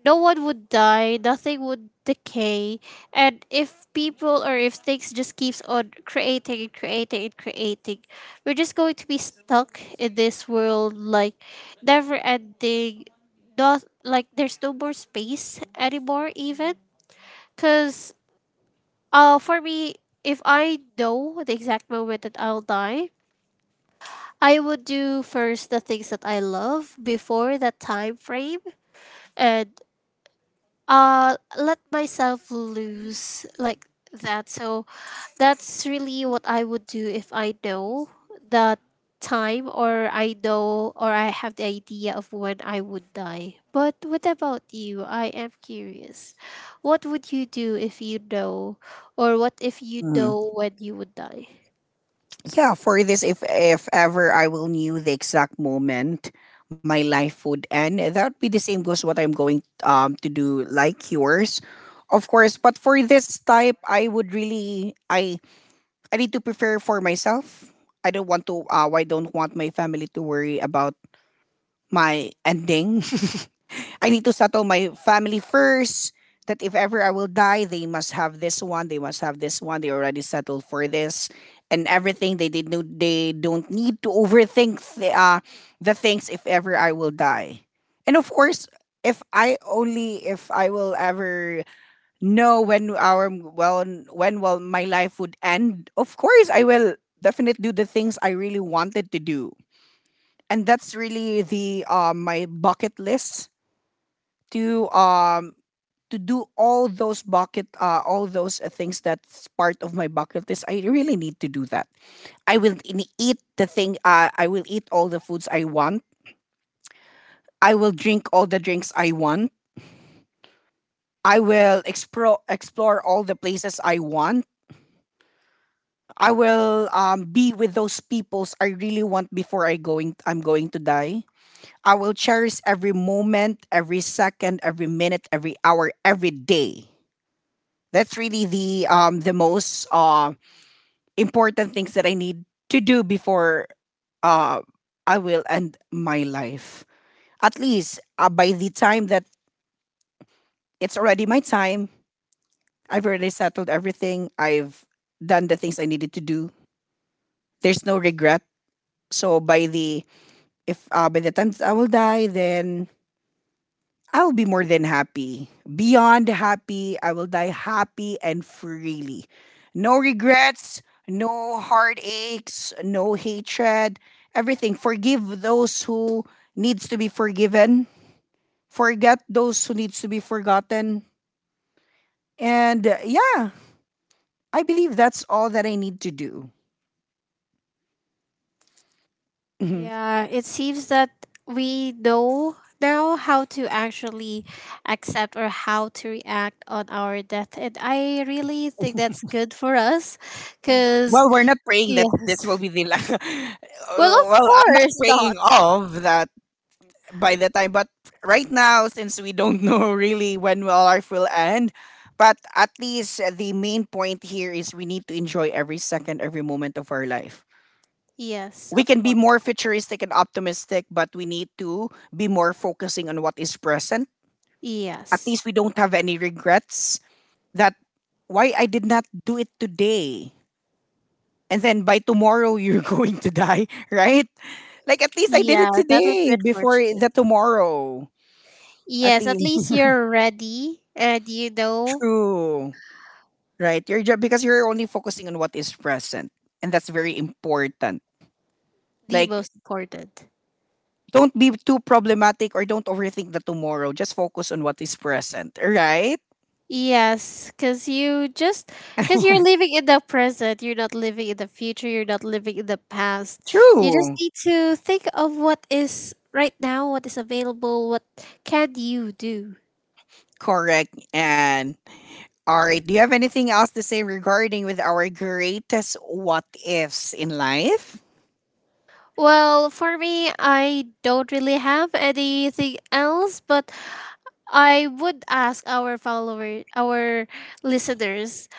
Speaker 2: no one would die, nothing would decay. And if people or if things just keeps on creating and creating and creating, we're just going to be stuck in this world like never ending. Not like there's no more space anymore even. Cause uh for me, if I know the exact moment that I'll die, I would do first the things that I love before that time frame, and uh let myself loose, like that. So that's really what I would do if I know the time or i know or I have the idea of when I would die. But what about you? I am curious, what would you do if you know, or what if you
Speaker 1: mhm.
Speaker 2: know when you would die?
Speaker 1: Yeah, for this, if if ever I will knew the exact moment my life would end, that would be the same goes what I'm going um to do like yours, of course. But for this type, I would really I I need to prepare for myself. I don't want to. Uh, I don't want my family to worry about my ending. [laughs] I need to settle my family first. That if ever I will die, they must have this one. They must have this one. They already settled for this, and everything they did. No, they don't need to overthink the, uh, the things if ever I will die. And of course, if I only if I will ever know when our well when will my life would end, of course I will definitely do the things I really wanted to do, and that's really the um my bucket list, to um to do all those bucket uh, all those uh, things that's part of my bucket list. I really need to do that. i will in- eat the thing uh, I will eat all the foods I want. I will drink all the drinks I want. I will explore explore all the places I want. I will um, be with those peoples I really want before i going I'm going to die. I will cherish every moment, every second, every minute, every hour, every day. That's really the um the most um important things that I need to do before uh, I will end my life. At least uh, by the time that it's already my time, I've already settled everything. I've done the things I needed to do. There's no regret. So by the if uh, by the time that I will die, then I'll be more than happy. Beyond happy, I will die happy and freely. No regrets, no heartaches, no hatred, everything. Forgive those who needs to be forgiven. Forget those who needs to be forgotten. And uh, yeah, I believe that's all that I need to do. Mhm.
Speaker 2: Yeah, it seems that we know now how to actually accept or how to react on our death. And I really think that's good for us, because,
Speaker 1: Well, we're not praying that this will
Speaker 2: yes.
Speaker 1: be the last. [laughs]
Speaker 2: Well, of
Speaker 1: Well, I'm not
Speaker 2: course not.
Speaker 1: praying of that by the time, but right now, since we don't [laughs] know really when will life will end, but at least uh, the main point here is we need to enjoy every second, every moment of our life.
Speaker 2: Yes,
Speaker 1: We
Speaker 2: of
Speaker 1: can be
Speaker 2: course.
Speaker 1: more futuristic and optimistic, but we need to be more focusing on what is present. At
Speaker 2: Yes.
Speaker 1: least we don't have any regrets that why I did not do it today, and then by tomorrow you're [laughs] going to die. [laughs] Right? Like, at least I did
Speaker 2: Yeah,
Speaker 1: it
Speaker 2: that would be
Speaker 1: today before
Speaker 2: unfortunate.
Speaker 1: the tomorrow. At
Speaker 2: Yes, at
Speaker 1: least.
Speaker 2: least you're ready and you
Speaker 1: [laughs]
Speaker 2: know.
Speaker 1: True. Right? You're ju- because you're only focusing on what is present, and that's very important.
Speaker 2: The
Speaker 1: Like,
Speaker 2: most important.
Speaker 1: don't be too problematic or don't overthink the tomorrow. Just focus on what is present, right?
Speaker 2: Yes, because you just because you're living in the present, you're not living in the future, you're not living in the past. You just
Speaker 1: True.
Speaker 2: need to think of what is right now, what is available, what can you do.
Speaker 1: Correct. And all right, do you have anything else to say regarding with our greatest what ifs in life?
Speaker 2: Well, for me, I don't really have anything else, but I would ask our followers, our listeners,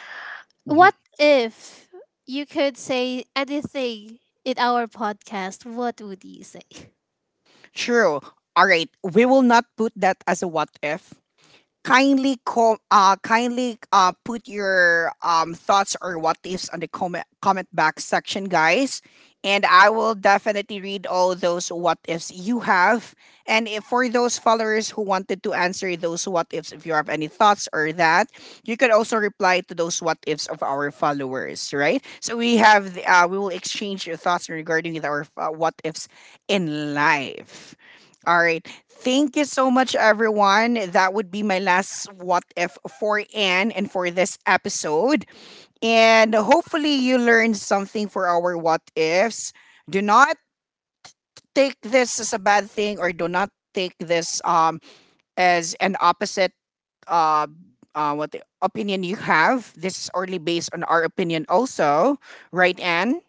Speaker 1: Mhm.
Speaker 2: what if you could say anything in our podcast? What would you say? [laughs]
Speaker 1: True. All right, we will not put that as a what if. kindly com- uh kindly uh put your um thoughts or what ifs on the comment comment back section, guys. And I will definitely read all those what ifs you have. And if for those followers who wanted to answer those what ifs, if you have any thoughts or that, you can also reply to those what ifs of our followers. Right, so we have the, uh, we will exchange your thoughts regarding with our uh, what ifs in life. All right. Thank you so much, everyone. That would be my last what if for Anne and for this episode. And hopefully, you learned something for our what ifs. Do not take this as a bad thing, or do not take this um as an opposite uh, uh what the opinion you have. This is only based on our opinion, also, right, Anne?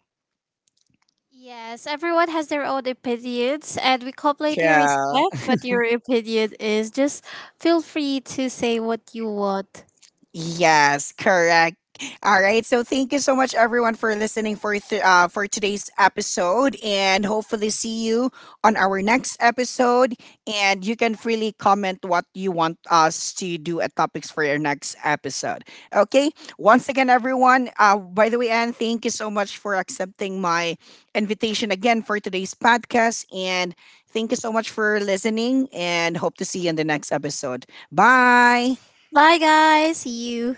Speaker 2: Yes, everyone has their own opinions, and we completely
Speaker 1: Yeah.
Speaker 2: respect what your opinion is. Just feel free to say what you want.
Speaker 1: Yes, correct. All right. So thank you so much, everyone, for listening for th- uh, for today's episode, and hopefully see you on our next episode. And you can freely comment what you want us to do at topics for your next episode. Okay. Once again, everyone. Uh, by the way, Anne, thank you so much for accepting my invitation again for today's podcast, and thank you so much for listening. And hope to see you in the next episode. Bye.
Speaker 2: Bye, guys. See you.